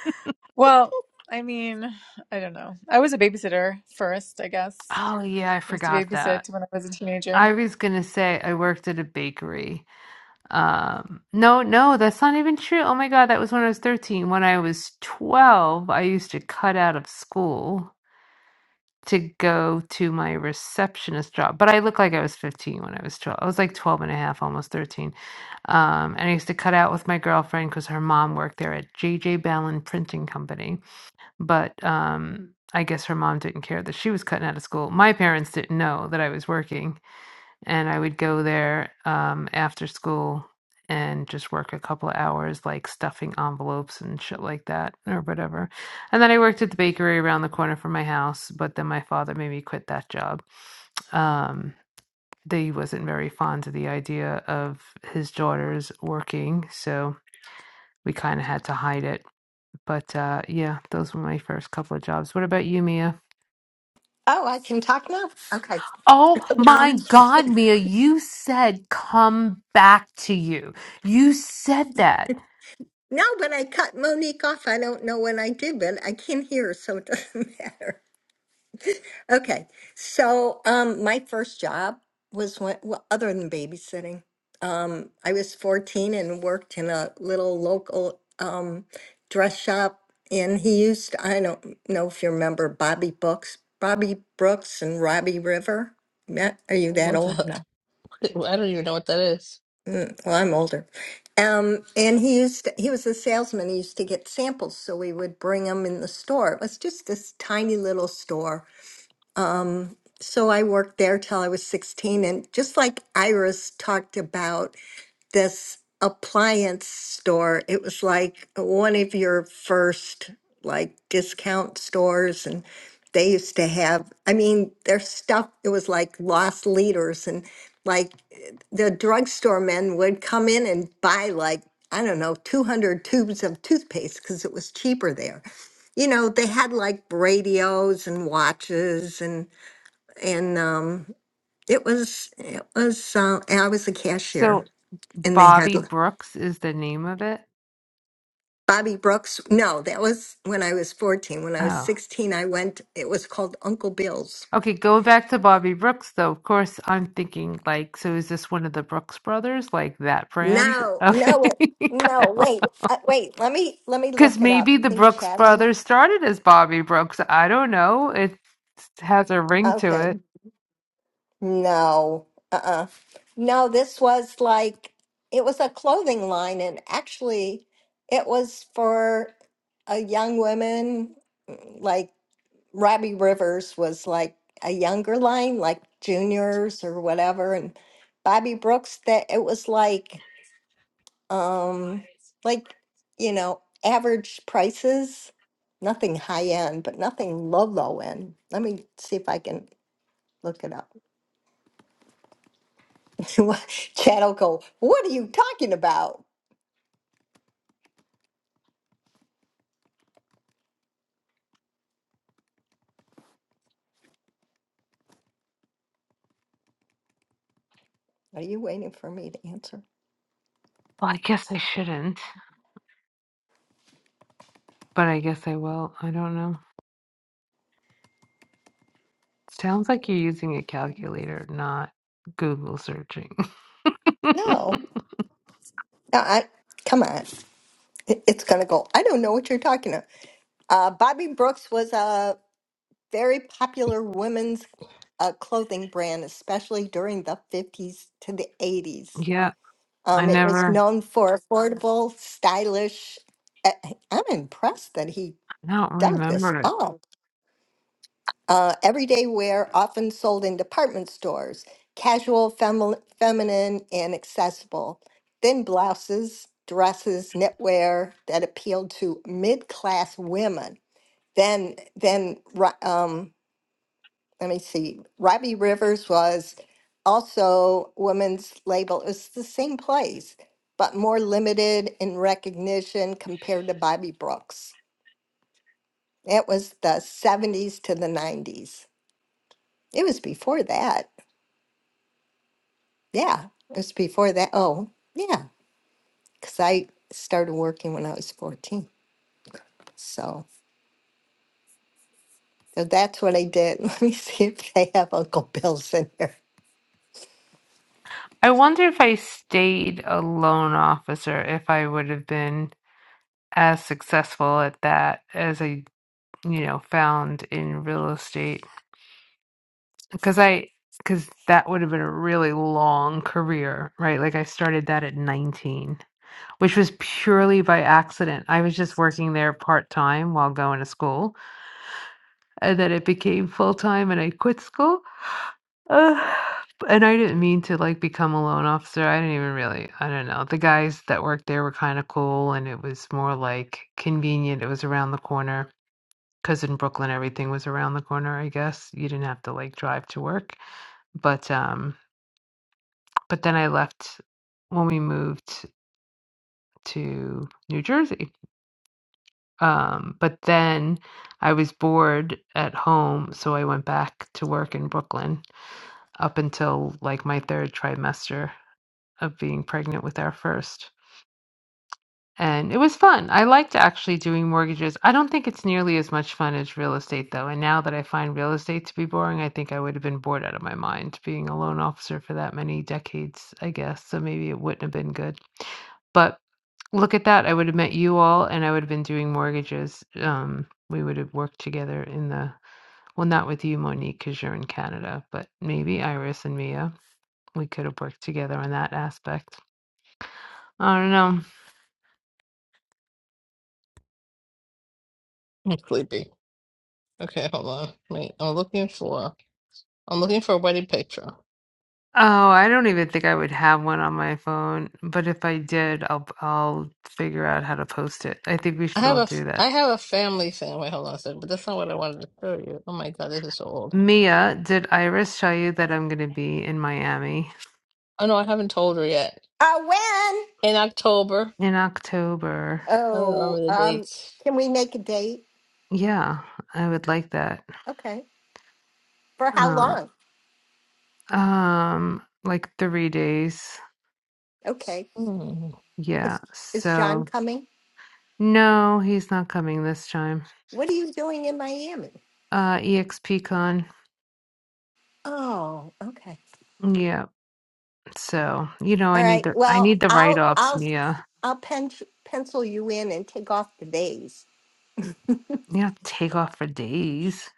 S1: well, I mean, I don't know. I was a babysitter first, I guess.
S2: Oh yeah, I
S1: I used to
S2: forgot that.
S1: babysit when I was a teenager.
S2: I was gonna say I worked at a bakery. Um, no, no, that's not even true. Oh my God, that was when I was 13. When I was 12, I used to cut out of school to go to my receptionist job. But I looked like I was 15 when I was 12. I was like 12 and a half, almost 13. Um, and I used to cut out with my girlfriend because her mom worked there at JJ Ballin Printing Company. But um, I guess her mom didn't care that she was cutting out of school. My parents didn't know that I was working and I would go there um, after school and just work a couple of hours, like stuffing envelopes and shit like that, or whatever. And then I worked at the bakery around the corner from my house, but then my father made me quit that job. Um, they wasn't very fond of the idea of his daughters working, so we kind of had to hide it. But uh, yeah, those were my first couple of jobs. What about you, Mia?
S6: Oh, I can talk now. Okay.
S2: Oh my
S6: Um.
S2: God, Mia, you said come back to you. You said that.
S6: No, but I cut Monique off. I don't know when I did, but I can hear, so it doesn't matter. Okay. So, um, my first job was when, well, other than babysitting. Um, I was 14 and worked in a little local um, dress shop. And he used, I don't know if you remember Bobby Brooks, Bobby Brooks and Robbie River. Ma- Are you that
S3: What the
S6: old? No.
S3: heck? I don't even know what that is.
S6: Well, I'm older. Um, and he used, to- he was a salesman. He used to get samples. So we would bring them in the store. It was just this tiny little store So I worked there till I was 16. And just like Iris talked about this appliance store, it was like one of your first like discount stores. And they used to have, I mean, their stuff, it was like lost leaders. And like the drugstore men would come in and buy like, I don't know, 200 tubes of toothpaste because it was cheaper there. You know, they had like radios and watches and and um, it was it was uh, and I was a
S2: So
S6: cashier, and they had
S2: Bobby Brooks is the name of it.
S6: Bobby Brooks. No, that was when I was fourteen. When I was
S2: Oh,
S6: sixteen, I went. It was called Uncle Bill's.
S2: okay. Going back to Bobby Brooks, though, of course, I'm thinking like, so is this one of the Brooks brothers, like that brand?
S6: No,
S2: Okay.
S6: no, it, no. Wait, uh, wait. Let me let me
S2: Because
S6: look it up.
S2: maybe
S6: You
S2: the
S6: think
S2: Brooks
S6: Chatham?
S2: brothers started as Bobby Brooks. I don't know. It has a ring to
S6: Okay,
S2: it.
S6: no, uh, uh no. This was like it was a clothing line, and actually, it was for a young women, like Robbie Rivers was like a younger line, like juniors or whatever, and Bobby Brooks that it was like um like you know average prices, nothing high end, but nothing low low end. Let me see if I can look it up. Chad will go, "What are you talking about? Are you waiting for me to answer?"
S2: Well, I guess I shouldn't, but I guess I will. I don't know. Sounds like you're using a calculator, not Google searching.
S6: No, no, I come on. It- It's gonna go. I don't know what you're talking about. Uh, Bobby Brooks was a very popular women's uh, clothing brand, especially during the 50s to the 80s.
S2: Yeah, I
S6: Um, it was
S2: never,
S6: known for affordable, stylish. uh, I'm impressed that he
S2: I don't
S6: dug this
S2: remember it.
S6: up. Uh, everyday wear, often sold in department stores, casual, femi- feminine, and accessible. Thin blouses, dresses, knitwear that appealed to mid class women. Then, then ri- um, let me see, Robbie Rivers was also women's label. It's the same place, but more limited in recognition compared to Bobby Brooks. It was the 70s to the 90s. It was before that. Yeah, it was before that. Oh, yeah, because I started working when I was 14. So, so that's what I did. Let me see if they have Uncle Bill's in here.
S2: I wonder if I stayed a loan officer, if I would have been as successful at that as I, you know, found in real estate. Because I, because that would have been a really long career, right? Like I started that at 19, which was purely by accident. I was just working there part time while going to school and then it became full time and I quit school. Uh, and I didn't mean to like become a loan officer. I didn't even really, I don't know. The guys that worked there were kind of cool and it was more like convenient. It was around the corner because in Brooklyn everything was around the corner, I guess. You didn't have to like drive to work. But um but then I left when we moved to New Jersey. Um but then I was bored at home, so I went back to work in Brooklyn up until like my third trimester of being pregnant with our first. And it was fun. I liked actually doing mortgages. I don't think it's nearly as much fun as real estate, though. And now that I find real estate to be boring, I think I would have been bored out of my mind being a loan officer for that many decades, I guess. So maybe it wouldn't have been good. But look at that. I would have met you all and I would have been doing mortgages. Um, we would have worked together in the, well, not with you, Monique, because you're in Canada, but maybe Iris and Mia we could have worked together on that aspect. I don't know.
S3: I'm sleepy. Okay, hold on. Wait, I'm looking for I'm looking for a wedding picture.
S2: Oh, I don't even think I would have one on my phone, but if I did, I'll I'll figure out how to post it. I think we
S3: I
S2: should
S3: have
S2: all
S3: a I
S2: do that.
S3: have a family thing. Wait, hold on a second. But that's not what I wanted to show you. Oh my god, this is so old.
S2: Mia, did Iris tell you that I'm going to be in Miami
S3: Oh no, I haven't told her yet.
S6: Uh, when?
S3: In October,
S2: in October?
S3: I don't
S6: Oh,
S3: remember the
S6: um,
S3: dates.
S6: can we make a date?
S2: Yeah, I would like that.
S6: Okay. For how
S2: Uh,
S6: long?
S2: um, like three days.
S6: Okay.
S3: Hmm.
S2: Yeah.
S6: Is is John
S2: So
S6: coming?
S2: no, he's not coming this time.
S6: What are you doing in Miami?
S2: Uh, EXPCon.
S6: Oh, okay.
S2: Yeah. So, you know, I
S6: All
S2: need
S6: right.
S2: the I
S6: Well,
S2: need the
S6: I'll
S2: write-offs,
S6: I'll
S2: Mia.
S6: I'll pen, pencil you in and take off the days.
S2: You have to take off for days.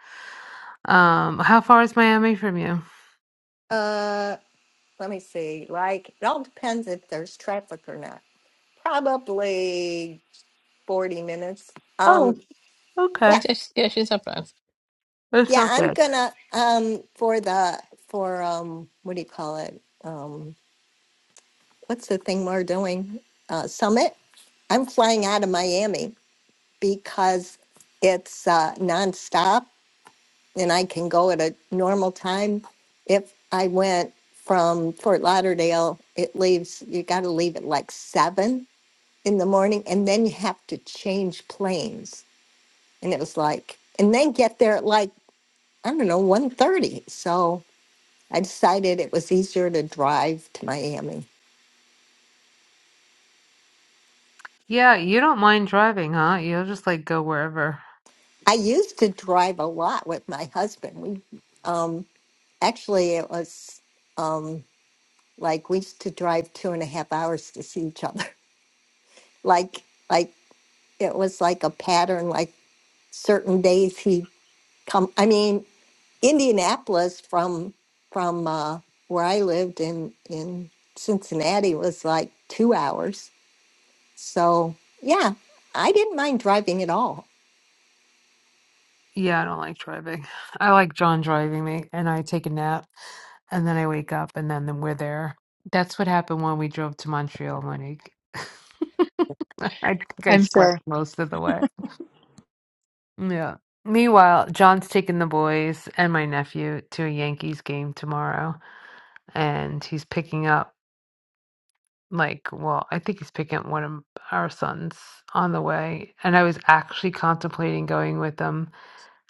S2: Um, how far is Miami from you?
S6: Uh, let me see. Like it all depends if there's traffic or not. Probably 40 minutes.
S2: Oh,
S6: Um,
S2: okay.
S6: yeah.
S3: Just, yeah, she's not bad.
S2: That's
S6: Yeah,
S2: not
S6: I'm
S2: bad.
S6: gonna um for the for um what do you call it? Um, what's the thing we're doing? Uh, summit. I'm flying out of Miami because it's uh, nonstop and I can go at a normal time. If I went from Fort Lauderdale, it leaves, you got to leave at like seven in the morning and then you have to change planes. And it was like, and then get there at like, I don't know, one thirty. So I decided it was easier to drive to Miami.
S2: Yeah, you don't mind driving, huh? You'll just like go wherever.
S6: I used to drive a lot with my husband. We um, actually, it was. Um, Like we used to drive two and a half hours to see each other. Like like it was like a pattern. Like certain days he come. I mean, Indianapolis from from uh, where I lived in in Cincinnati was like two hours. So yeah, I didn't mind driving at all.
S2: Yeah, I don't like driving. I like John driving me and I take a nap and then I wake up and then, then we're there. That's what happened when we drove to Montreal, Monique. I think I
S1: I'm
S2: slept
S1: sure.
S2: most of the way. Yeah. Meanwhile, John's taking the boys and my nephew to a Yankees game tomorrow, and he's picking up like, well, I think he's picking up one of our sons on the way. And I was actually contemplating going with them,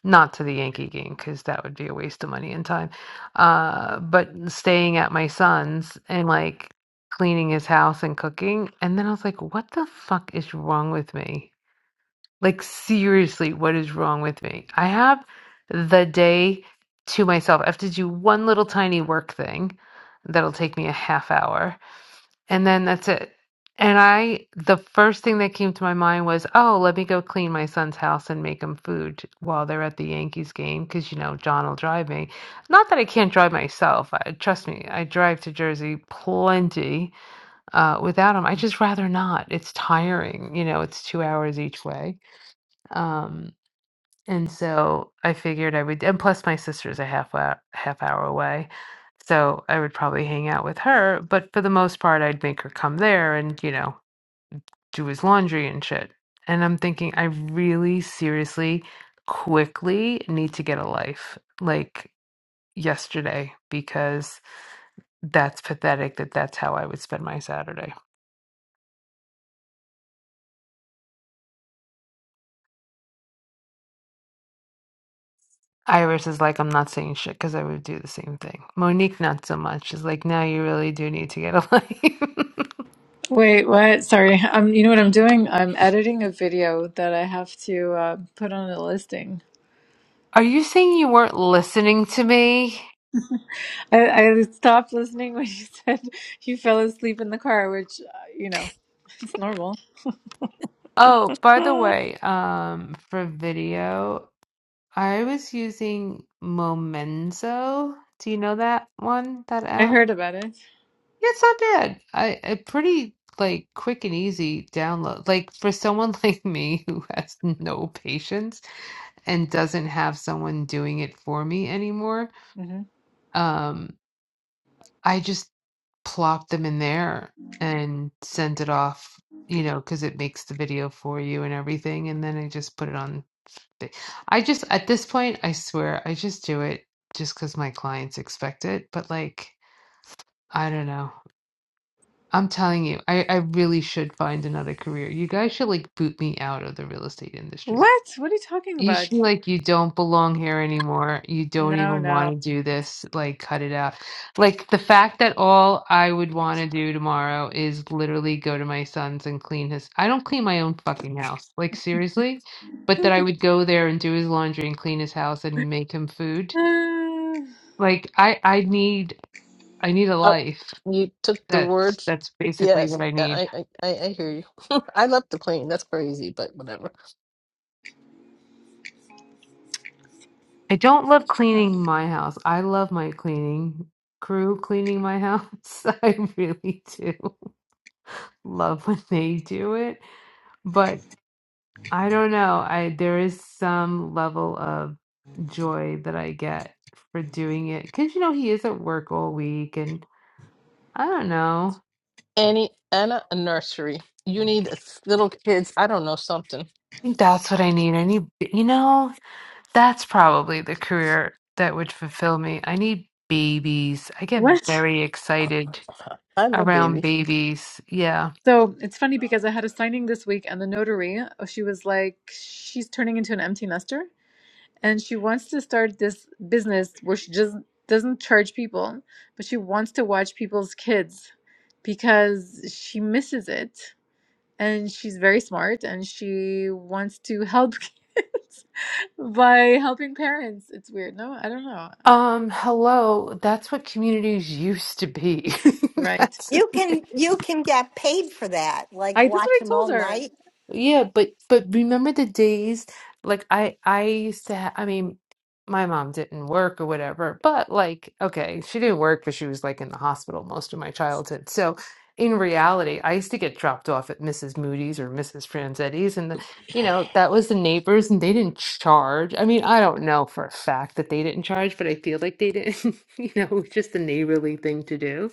S2: not to the Yankee game because that would be a waste of money and time, uh, but staying at my son's and like cleaning his house and cooking. And then I was like, what the fuck is wrong with me? Like, seriously, what is wrong with me? I have the day to myself. I have to do one little tiny work thing that'll take me a half hour, and then that's it. And I, the first thing that came to my mind was, oh, let me go clean my son's house and make him food while they're at the Yankees game, because, you know, John will drive me. Not that I can't drive myself. I, trust me, I drive to Jersey plenty uh, without him. I just rather not. It's tiring. You know, it's two hours each way. Um, and so I figured I would and plus my sister's a half hour, half hour away, so I would probably hang out with her, but for the most part, I'd make her come there and, you know, do his laundry and shit. And I'm thinking I really seriously quickly need to get a life like yesterday because that's pathetic that that's how I would spend my Saturday. Iris is like, I'm not saying shit because I would do the same thing. Monique, not so much, is like, now you really do need to get a life.
S1: Wait, what? Sorry. Um, you know what I'm doing? I'm editing a video that I have to uh, put on a listing.
S2: Are you saying you weren't listening to me?
S1: I, I stopped listening when you said you fell asleep in the car, which, uh, you know, it's normal.
S2: Oh, by the way, um, for video, I was using Momenzo. Do you know that one? That
S1: I
S2: app?
S1: heard about it.
S2: Yeah, it's not bad. I, I pretty like quick and easy download. Like for someone like me who has no patience and doesn't have someone doing it for me anymore,
S1: hmm
S2: um, I just plop them in there and send it off, you know, because it makes the video for you and everything. And then I just put it on. the- I just, at this point, I swear, I just do it just because my clients expect it. But like, I don't know. I'm telling you, I, I really should find another career. You guys should like boot me out of the real estate industry.
S1: What? What are you talking
S2: You
S1: about?
S2: feel like you don't belong here anymore. You don't
S1: No,
S2: even want
S1: no.
S2: to do this. Like, cut it out. Like, the fact that all I would want to do tomorrow is literally go to my son's and clean his. I don't clean my own fucking house. Like, seriously? But that I would go there and do his laundry and clean his house and make him food.
S1: Uh,
S2: Like, I I need I need a
S3: Oh,
S2: life.
S3: you took the
S2: That's
S3: words.
S2: that's basically
S3: Yes,
S2: what I need.
S3: I I I I hear you. I left the plane. That's crazy, but whatever.
S2: I don't love cleaning my house. I love my cleaning crew cleaning my house. I really do love when they do it. But I don't know. I there is some level of joy that I get for doing it because you know he is at work all week, and I don't know.
S3: Annie, Anna, a nursery. You need a- little kids. I don't know something.
S2: I think that's what I need. I need, you know, that's probably the career that would fulfill me. I need babies. I get
S1: what?
S2: very excited
S3: I love
S2: around
S3: babies.
S2: babies. Yeah.
S1: So it's funny because I had a signing this week, and the notary, oh, she was like, she's turning into an empty nester. and she wants to start this business where she just doesn't charge people, but she wants to watch people's kids because she misses it and she's very smart and she wants to help kids by helping parents. It's weird. No, I don't know.
S2: Um, hello. That's what communities used to be.
S1: Right.
S2: That's
S6: You can you can get paid for that. Like
S1: I that's what
S6: watch
S1: I
S6: him
S1: told
S6: all
S1: her.
S6: night.
S2: Yeah, but but remember the days like I I used to ha I mean my mom didn't work or whatever, but like okay, she didn't work but she was like in the hospital most of my childhood. So in reality, I used to get dropped off at Mrs. Moody's or Mrs. Franzetti's and the, you know, that was the neighbors and they didn't charge. I mean, I don't know for a fact that they didn't charge, but I feel like they didn't, you know, it was just a neighborly thing to do.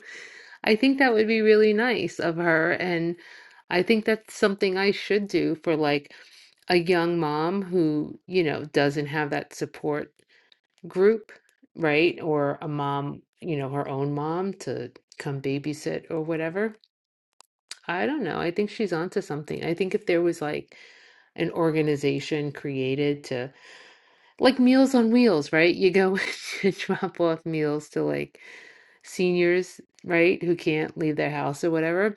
S2: I think that would be really nice of her. I think that's something I should do for like a young mom who, you know, doesn't have that support group, right? Or a mom, you know, her own mom to come babysit or whatever. I don't know. I think she's onto something. I think if there was like an organization created to like Meals on Wheels, right? You go and drop off meals to like seniors, right, who can't leave their house or whatever,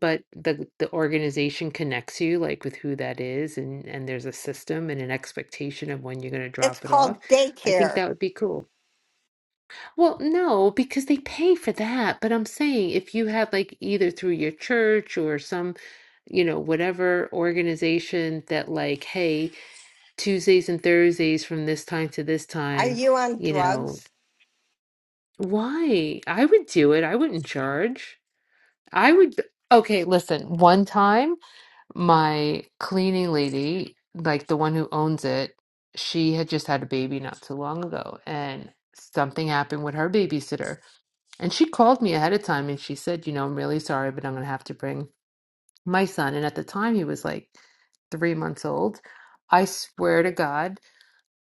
S2: but the the organization connects you like with who that is and and there's a system and an expectation of when you're going to
S6: It's
S2: drop it off.
S6: called
S2: I think
S6: daycare.
S2: that would be cool. Well, no, because they pay for that, but I'm saying if you have like either through your church or some you know whatever organization that like hey tuesdays and thursdays from this time to this
S6: Are
S2: time
S6: you on
S2: you know
S6: drugs?
S2: why i would do it i wouldn't charge I would, okay, listen, one time my cleaning lady, like the one who owns it, she had just had a baby not too long ago, and something happened with her babysitter. And she called me ahead of time and she said, you know, I'm really sorry, but I'm going to have to bring my son. And at the time, he was like three months old. I swear to God.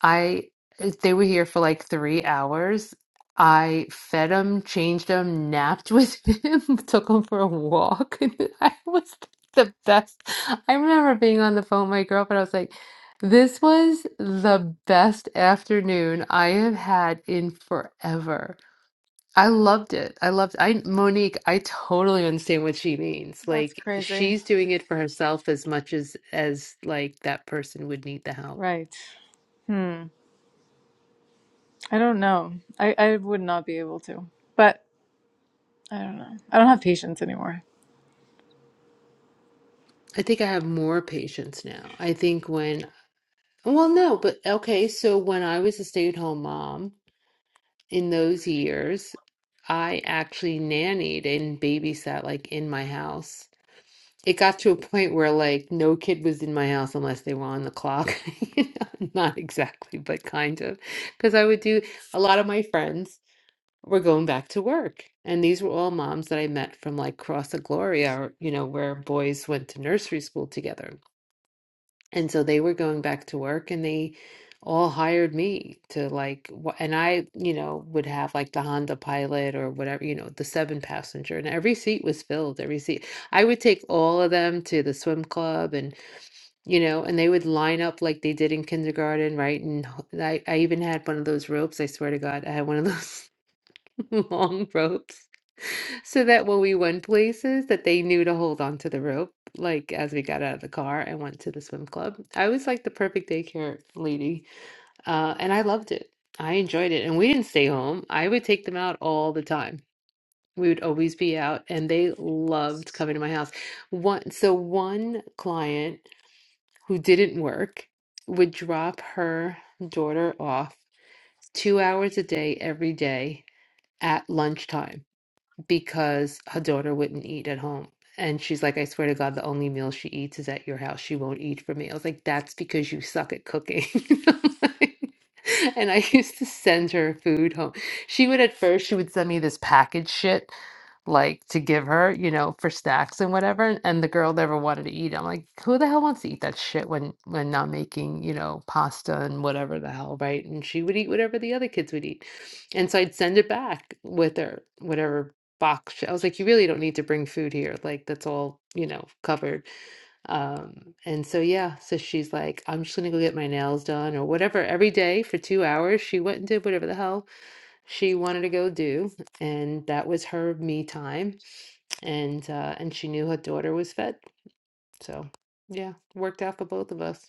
S2: I eh, they were here for like three hours. I fed him, changed him, napped with him, took him for a walk. I was the best. I remember being on the phone with my girlfriend. I was like, this was the best afternoon I have had in forever. I loved it. I loved I Monique, I totally understand what she means.
S1: That's
S2: Like
S1: crazy.
S2: she's doing it for herself as much as as like that person would need the help.
S1: Right. Hmm. I don't know. I, I would not be able to. But I don't know. I don't have patience anymore.
S2: I think I have more patience now. I think when, well, no, but okay, so when I was a stay-at-home mom in those years, I actually nannied and babysat like in my house. It got to a point where like no kid was in my house unless they were on the clock. You know, Not exactly, but kind of. Because I would do a lot of my friends were going back to work. And these were all moms that I met from like Cross the Gloria, or, you know, where boys went to nursery school together And so they were going back to work and they all hired me to like, wh- and I, you know, would have like the Honda Pilot or whatever, you know, the seven passenger, and every seat was filled, every seat. I would take all of them to the swim club and, you know, and they would line up like they did in kindergarten, right? And h- I, I even had one of those ropes, I swear to God, I had one of those. long ropes so that when we went places that they knew to hold on to the rope like as we got out of the car and went to the swim club i was like the perfect daycare lady uh, and i loved it i enjoyed it and we didn't stay home i would take them out all the time we would always be out and they loved coming to my house one so one client who didn't work would drop her daughter off two hours a day every day at lunchtime because her daughter wouldn't eat at home. And she's like, I swear to God, the only meal she eats is at your house. She won't eat for me. I was like, that's because you suck at cooking. And I used to send her food home. She would, at first, she would send me this package shit, like to give her, you know, for snacks and whatever. And the girl never wanted to eat. I'm like, who the hell wants to eat that shit when when not making, you know, pasta and whatever the hell, right? And she would eat whatever the other kids would eat. And so I'd send it back with her, whatever box. I was like, you really don't need to bring food here. Like that's all, you know, covered. Um, and so yeah, so she's like, I'm just gonna go get my nails done or whatever. Every day for two hours, she went and did whatever the hell she wanted to go do, and that was her me time. And uh, and she knew her daughter was fed, so yeah, worked out for both of us.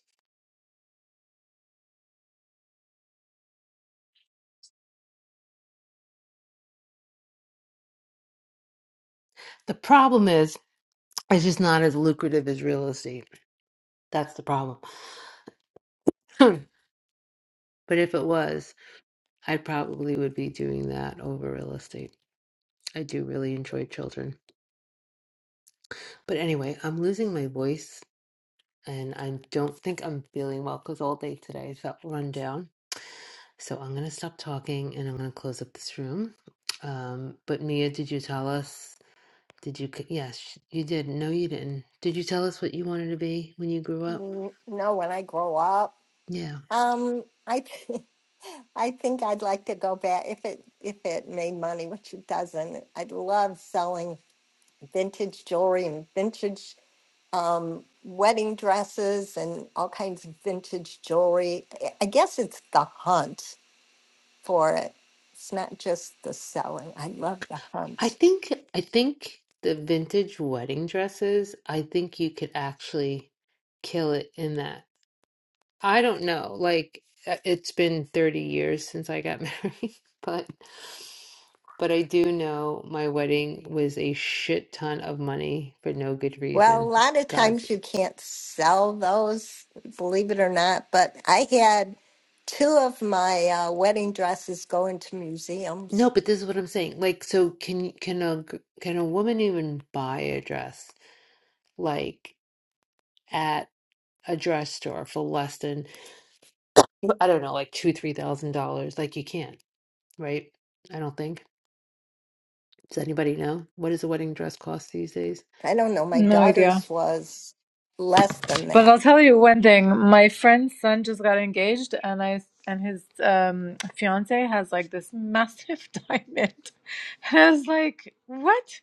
S2: The problem is, it's just not as lucrative as real estate. That's the problem. but if it was, I probably would be doing that over real estate. I do really enjoy children. But anyway, I'm losing my voice and I don't think I'm feeling well because all day today I felt run down. So I'm going to stop talking and I'm going to close up this room. Um, but Mia, did you tell us? Did you? c- Yes, you did. No, you didn't. Did you tell us what you wanted to be when you grew up?
S6: N- No, when I grow up.
S2: Yeah.
S6: Um, I th- I think I'd like to go back if it if it made money, which it doesn't. I'd love selling vintage jewelry and vintage um, wedding dresses and all kinds of vintage jewelry. I I guess it's the hunt for it. It's not just the selling. I love the
S2: I
S6: hunt.
S2: think, I think the vintage wedding dresses, I think you could actually kill it in that I don't know. Like uh, it's been 30 years since I got married, but but I do know my wedding was a shit ton of money for no good
S6: Well, a
S2: reason.
S6: lot of
S2: God.
S6: times you can't sell those, believe it or not. But I had two of my uh, wedding dresses go into museums
S2: No, but this is what I'm saying. Like so can can a g- can a woman even buy a dress like at a dress store for less than I don't know, like two, three thousand dollars? Like you can't, right? I don't think. Does anybody know? What does a wedding dress cost these days?
S6: I don't know. My
S1: No idea.
S6: daughter's was less than
S1: But
S6: that.
S1: I'll tell you one thing. My friend's son just got engaged, and I and his um, fiance has like this massive diamond, and I was like, "What?"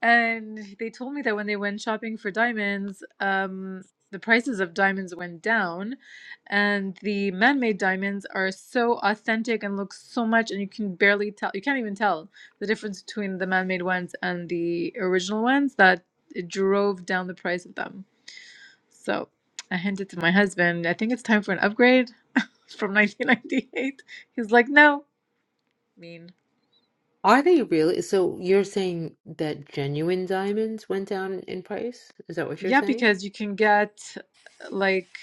S1: And they told me that when they went shopping for diamonds, um, the prices of diamonds went down, and the man-made diamonds are so authentic and look so much, and you can barely tell. You can't even tell the difference between the man-made ones and the original ones. That it drove down the price of them. So I hinted to my husband, I think it's time for an upgrade from 1998. He's like, no, mean.
S2: Are they really? So you're saying that genuine diamonds went down in price? Is that what you're
S1: Yeah,
S2: saying?
S1: because you can get like,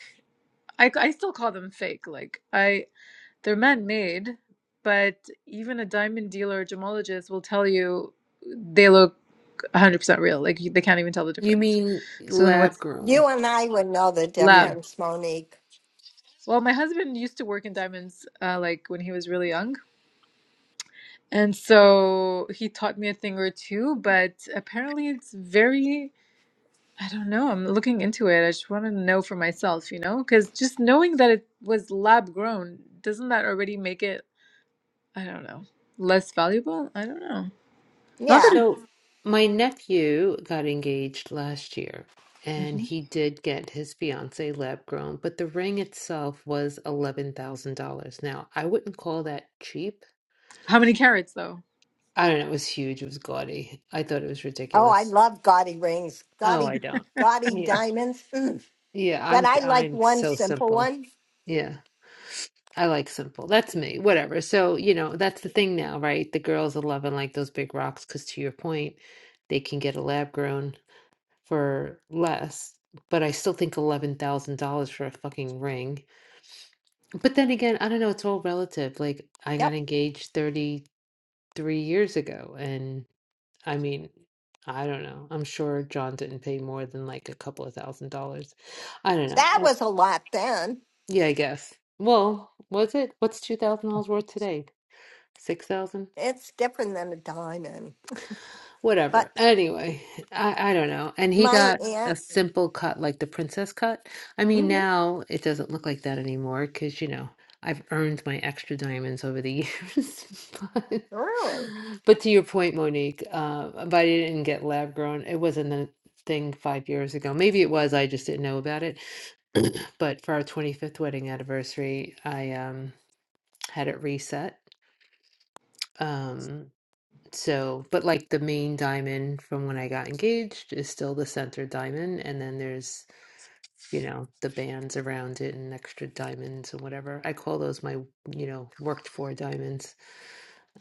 S1: I, I still call them fake. Like, I, they're man made, but even a diamond dealer or gemologist will tell you they look 100% real. Like, you, they can't even tell the
S2: You
S1: difference.
S2: mean
S1: So then
S2: lab
S1: what's
S2: grown?
S6: You and I would know the
S1: lab?
S2: Yeah.
S6: difference, Monique.
S1: Well, my husband used to work in diamonds, uh, like when he was really young And so he taught me a thing or two, but apparently it's very, I don't know, I'm looking into it. I just want to know for myself, you know? Because just knowing that it was lab grown, doesn't that already make it, I don't know, less valuable? I don't know. Not that
S6: Yeah.
S1: it,
S2: So my nephew got engaged last year and
S1: Mhm.
S2: he did get his fiance lab grown, but the ring itself was $11,000. Now, I wouldn't call that cheap.
S1: How many carrots though?
S2: I don't know, it was huge, it was gaudy. I thought it was
S6: Oh, I
S2: ridiculous.
S6: love gaudy rings,
S2: Oh,
S6: gaudy,
S2: I don't.
S6: gaudy
S2: Yeah,
S6: diamonds. Mm.
S2: yeah,
S6: But
S2: I'm
S6: I like
S2: I'm
S6: one
S2: so
S6: simple
S2: simple.
S6: one.
S2: Yeah. I like simple. That's me. Whatever. So, you know, that's the thing now, right? The girls are loving like those big rocks because to your point, they can get a lab grown for less. But I still think $11,000 for a fucking ring. But then again, I don't know, it's all relative. Like I got
S6: Yep.
S2: engaged 33 years ago and I mean, I don't know. I'm sure John didn't pay more than like a couple of thousand dollars. I don't know.
S6: That
S2: I-
S6: was a lot then.
S2: Yeah, I guess. Well, was it? What's $2,000 worth today? six thousand,
S6: It's different than a diamond. But
S2: whatever. Anyway, I I don't know. And he
S6: my
S2: got a
S6: aunt,
S2: simple cut, like the princess cut. I mean,
S6: mhm,
S2: now it doesn't look like that anymore because you know I've earned my extra diamonds over the years. But
S6: really?
S2: but to your point, Monique, uh, but I didn't get lab grown. It wasn't a thing five years ago. Maybe it was. I just didn't know about it. But for our twenty fifth wedding anniversary, I um had it reset. Um, So, but like the main diamond from when I got engaged is still the center diamond, and then there's, you know, the bands around it and extra diamonds and whatever. I call those my, you know, worked for diamonds.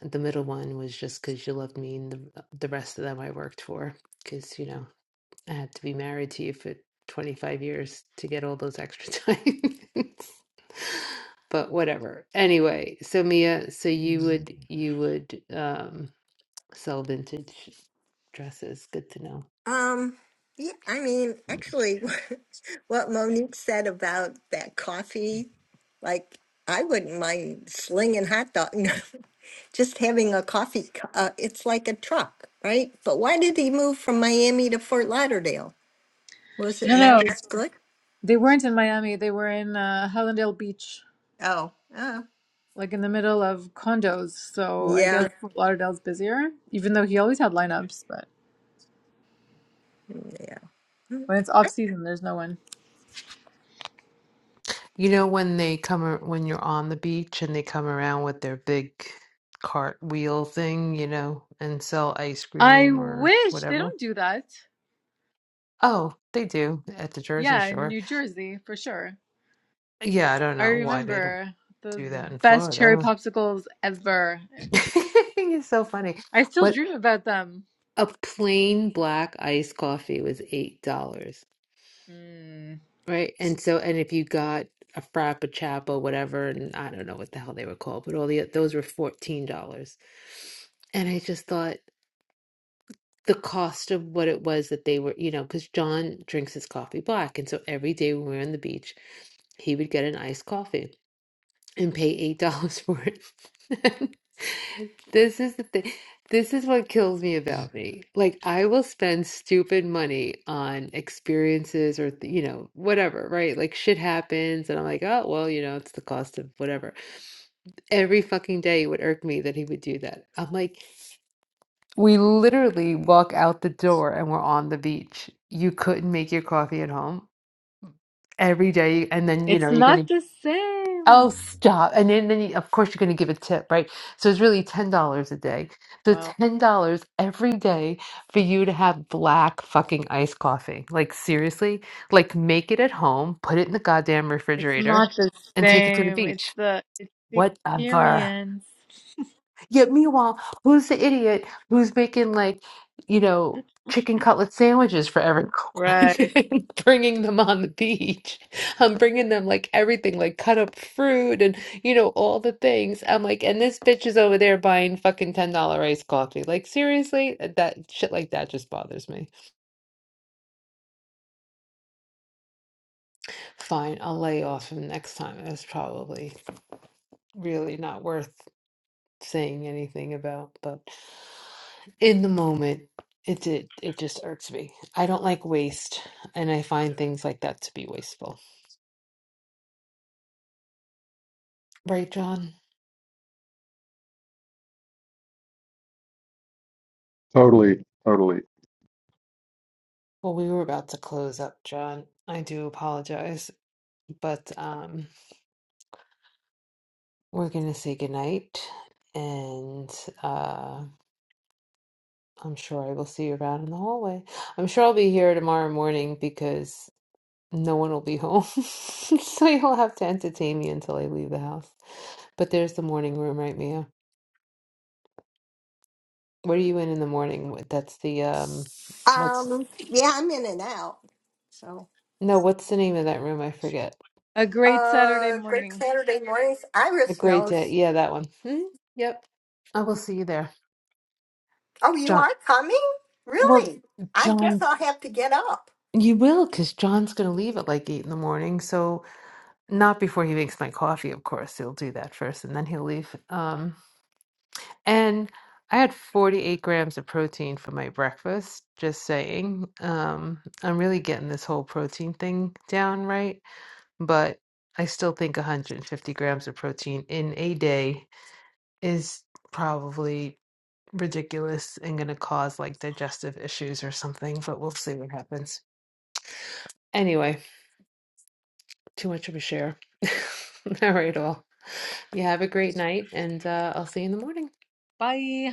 S2: The middle one was just because you loved me, and the, the rest of them I worked for because, you know, I had to be married to you for 25 years to get all those extra diamonds. But whatever. Anyway, so Mia, so you would, you would, um, sell vintage dresses. Good to know.
S6: Um, yeah, I mean, actually, what Monique said about that coffee, like, I wouldn't mind slinging hot dog. just having a coffee, cu- uh, it's like a truck, right? But why did he move from Miami to Fort Lauderdale? Was it
S1: No, no,
S6: not as good?
S1: they weren't in Miami. They were in uh, Hallandale Beach,
S6: Oh, oh,
S1: like in the middle of condos. So I
S6: yeah,
S1: guess Fort Lauderdale's busier, even though he always had lineups. But
S6: yeah.
S1: when it's off season, there's no one.
S2: You know when they come ar- when you're on the beach and they come around with their big cart wheel thing, you know, and sell ice
S1: I
S2: cream or
S1: wish they
S2: whatever.
S1: don't do that.
S2: Oh, they do at the Jersey
S1: Yeah, in
S2: Shore.
S1: New Jersey for sure.
S2: Yeah, I don't
S1: I
S2: know why they don't
S1: remember the
S2: do that in
S1: best cherry
S2: Florida.
S1: popsicles ever.
S2: It's so funny.
S1: I still
S2: What
S1: dream about them.
S2: a plain black iced coffee was $8.
S1: Mm.
S2: Right. And so, and if you got a Frappuccino, whatever, and I don't know what the hell they were called, but all the those were $14. And I just thought the cost of what it was that they were, you know, because John drinks his coffee black. And so every day when we were on the beach, he would get an iced coffee and pay eight dollars for it. This is the thing. This is what kills me
S3: Mm.
S2: about me. Like I will spend stupid money on experiences or th- you know whatever, right? Like shit happens, and I'm like, oh well, you know, it's the cost of whatever. Every fucking day it would irk me that he would do that. I'm like, we literally walk out the door and we're on the beach. You couldn't make your coffee at home every day, and then you
S1: It's
S2: know you're gonna
S1: not the same.
S2: Oh, stop. And then, then you, of course, you're going to give a tip, right? So it's really $10 a day. So
S1: Wow.
S2: $10 every day for you to have black fucking iced coffee. Like, seriously? Like, make it at home, put it in the goddamn
S1: It's
S2: refrigerator,
S1: not the
S2: and take it to the
S1: same. It's
S2: beach.
S1: the it's the
S2: Whatever.
S1: experience.
S2: Yet meanwhile, who's the idiot who's making like, you know, chicken cutlet sandwiches for everyone
S1: Right.
S2: and bringing them on the beach? I'm bringing them like everything, like cut up fruit and, you know, all the things. I'm like, and this bitch is over there buying fucking $10 iced coffee. Like, seriously? Uh, That shit like that just bothers me. Fine, I'll lay off him next time. It was probably really not worth saying anything about, but in the moment, it did, it just irks me. I don't like waste, and I find things like that to be wasteful. Right, John?
S8: Totally, totally.
S2: Well, we were about to close up, John. I do apologize, but um, we're gonna say goodnight, and uh, I'm sure I will see you around in the hallway. I'm sure I'll be here tomorrow morning because. No one will be home. So you'll have to entertain me until I leave the house. But there's the morning room, right, Mia? What are you in in the morning? What- That's the um what's
S6: Um, yeah, I'm in and out. So,
S2: no, what's the name of that room? I forget.
S1: A great Saturday
S6: uh, great
S1: morning.
S6: Saturday mornings.
S2: A
S6: Iris
S2: great day.
S6: knows.
S2: Yeah, that one. Hmm? Yep. I will see you there.
S6: Oh, you
S2: John.
S6: are coming?
S2: Well,
S6: Really? I guess
S2: John,
S6: I'll have to get up.
S2: you will, because John's going to leave at like eight in the morning. So not before he makes my coffee, of course. He'll do that first and then he'll leave. Um. And I had 48 grams of protein for my breakfast, just saying. Um, I'm really getting this whole protein thing down right, but I still think 150 grams of protein in a day is probably ridiculous and going to cause like digestive issues or something, but we'll see what happens. Anyway, too much of a share. All right, all. You have a great night, and uh, I'll see you in the morning.
S1: Bye.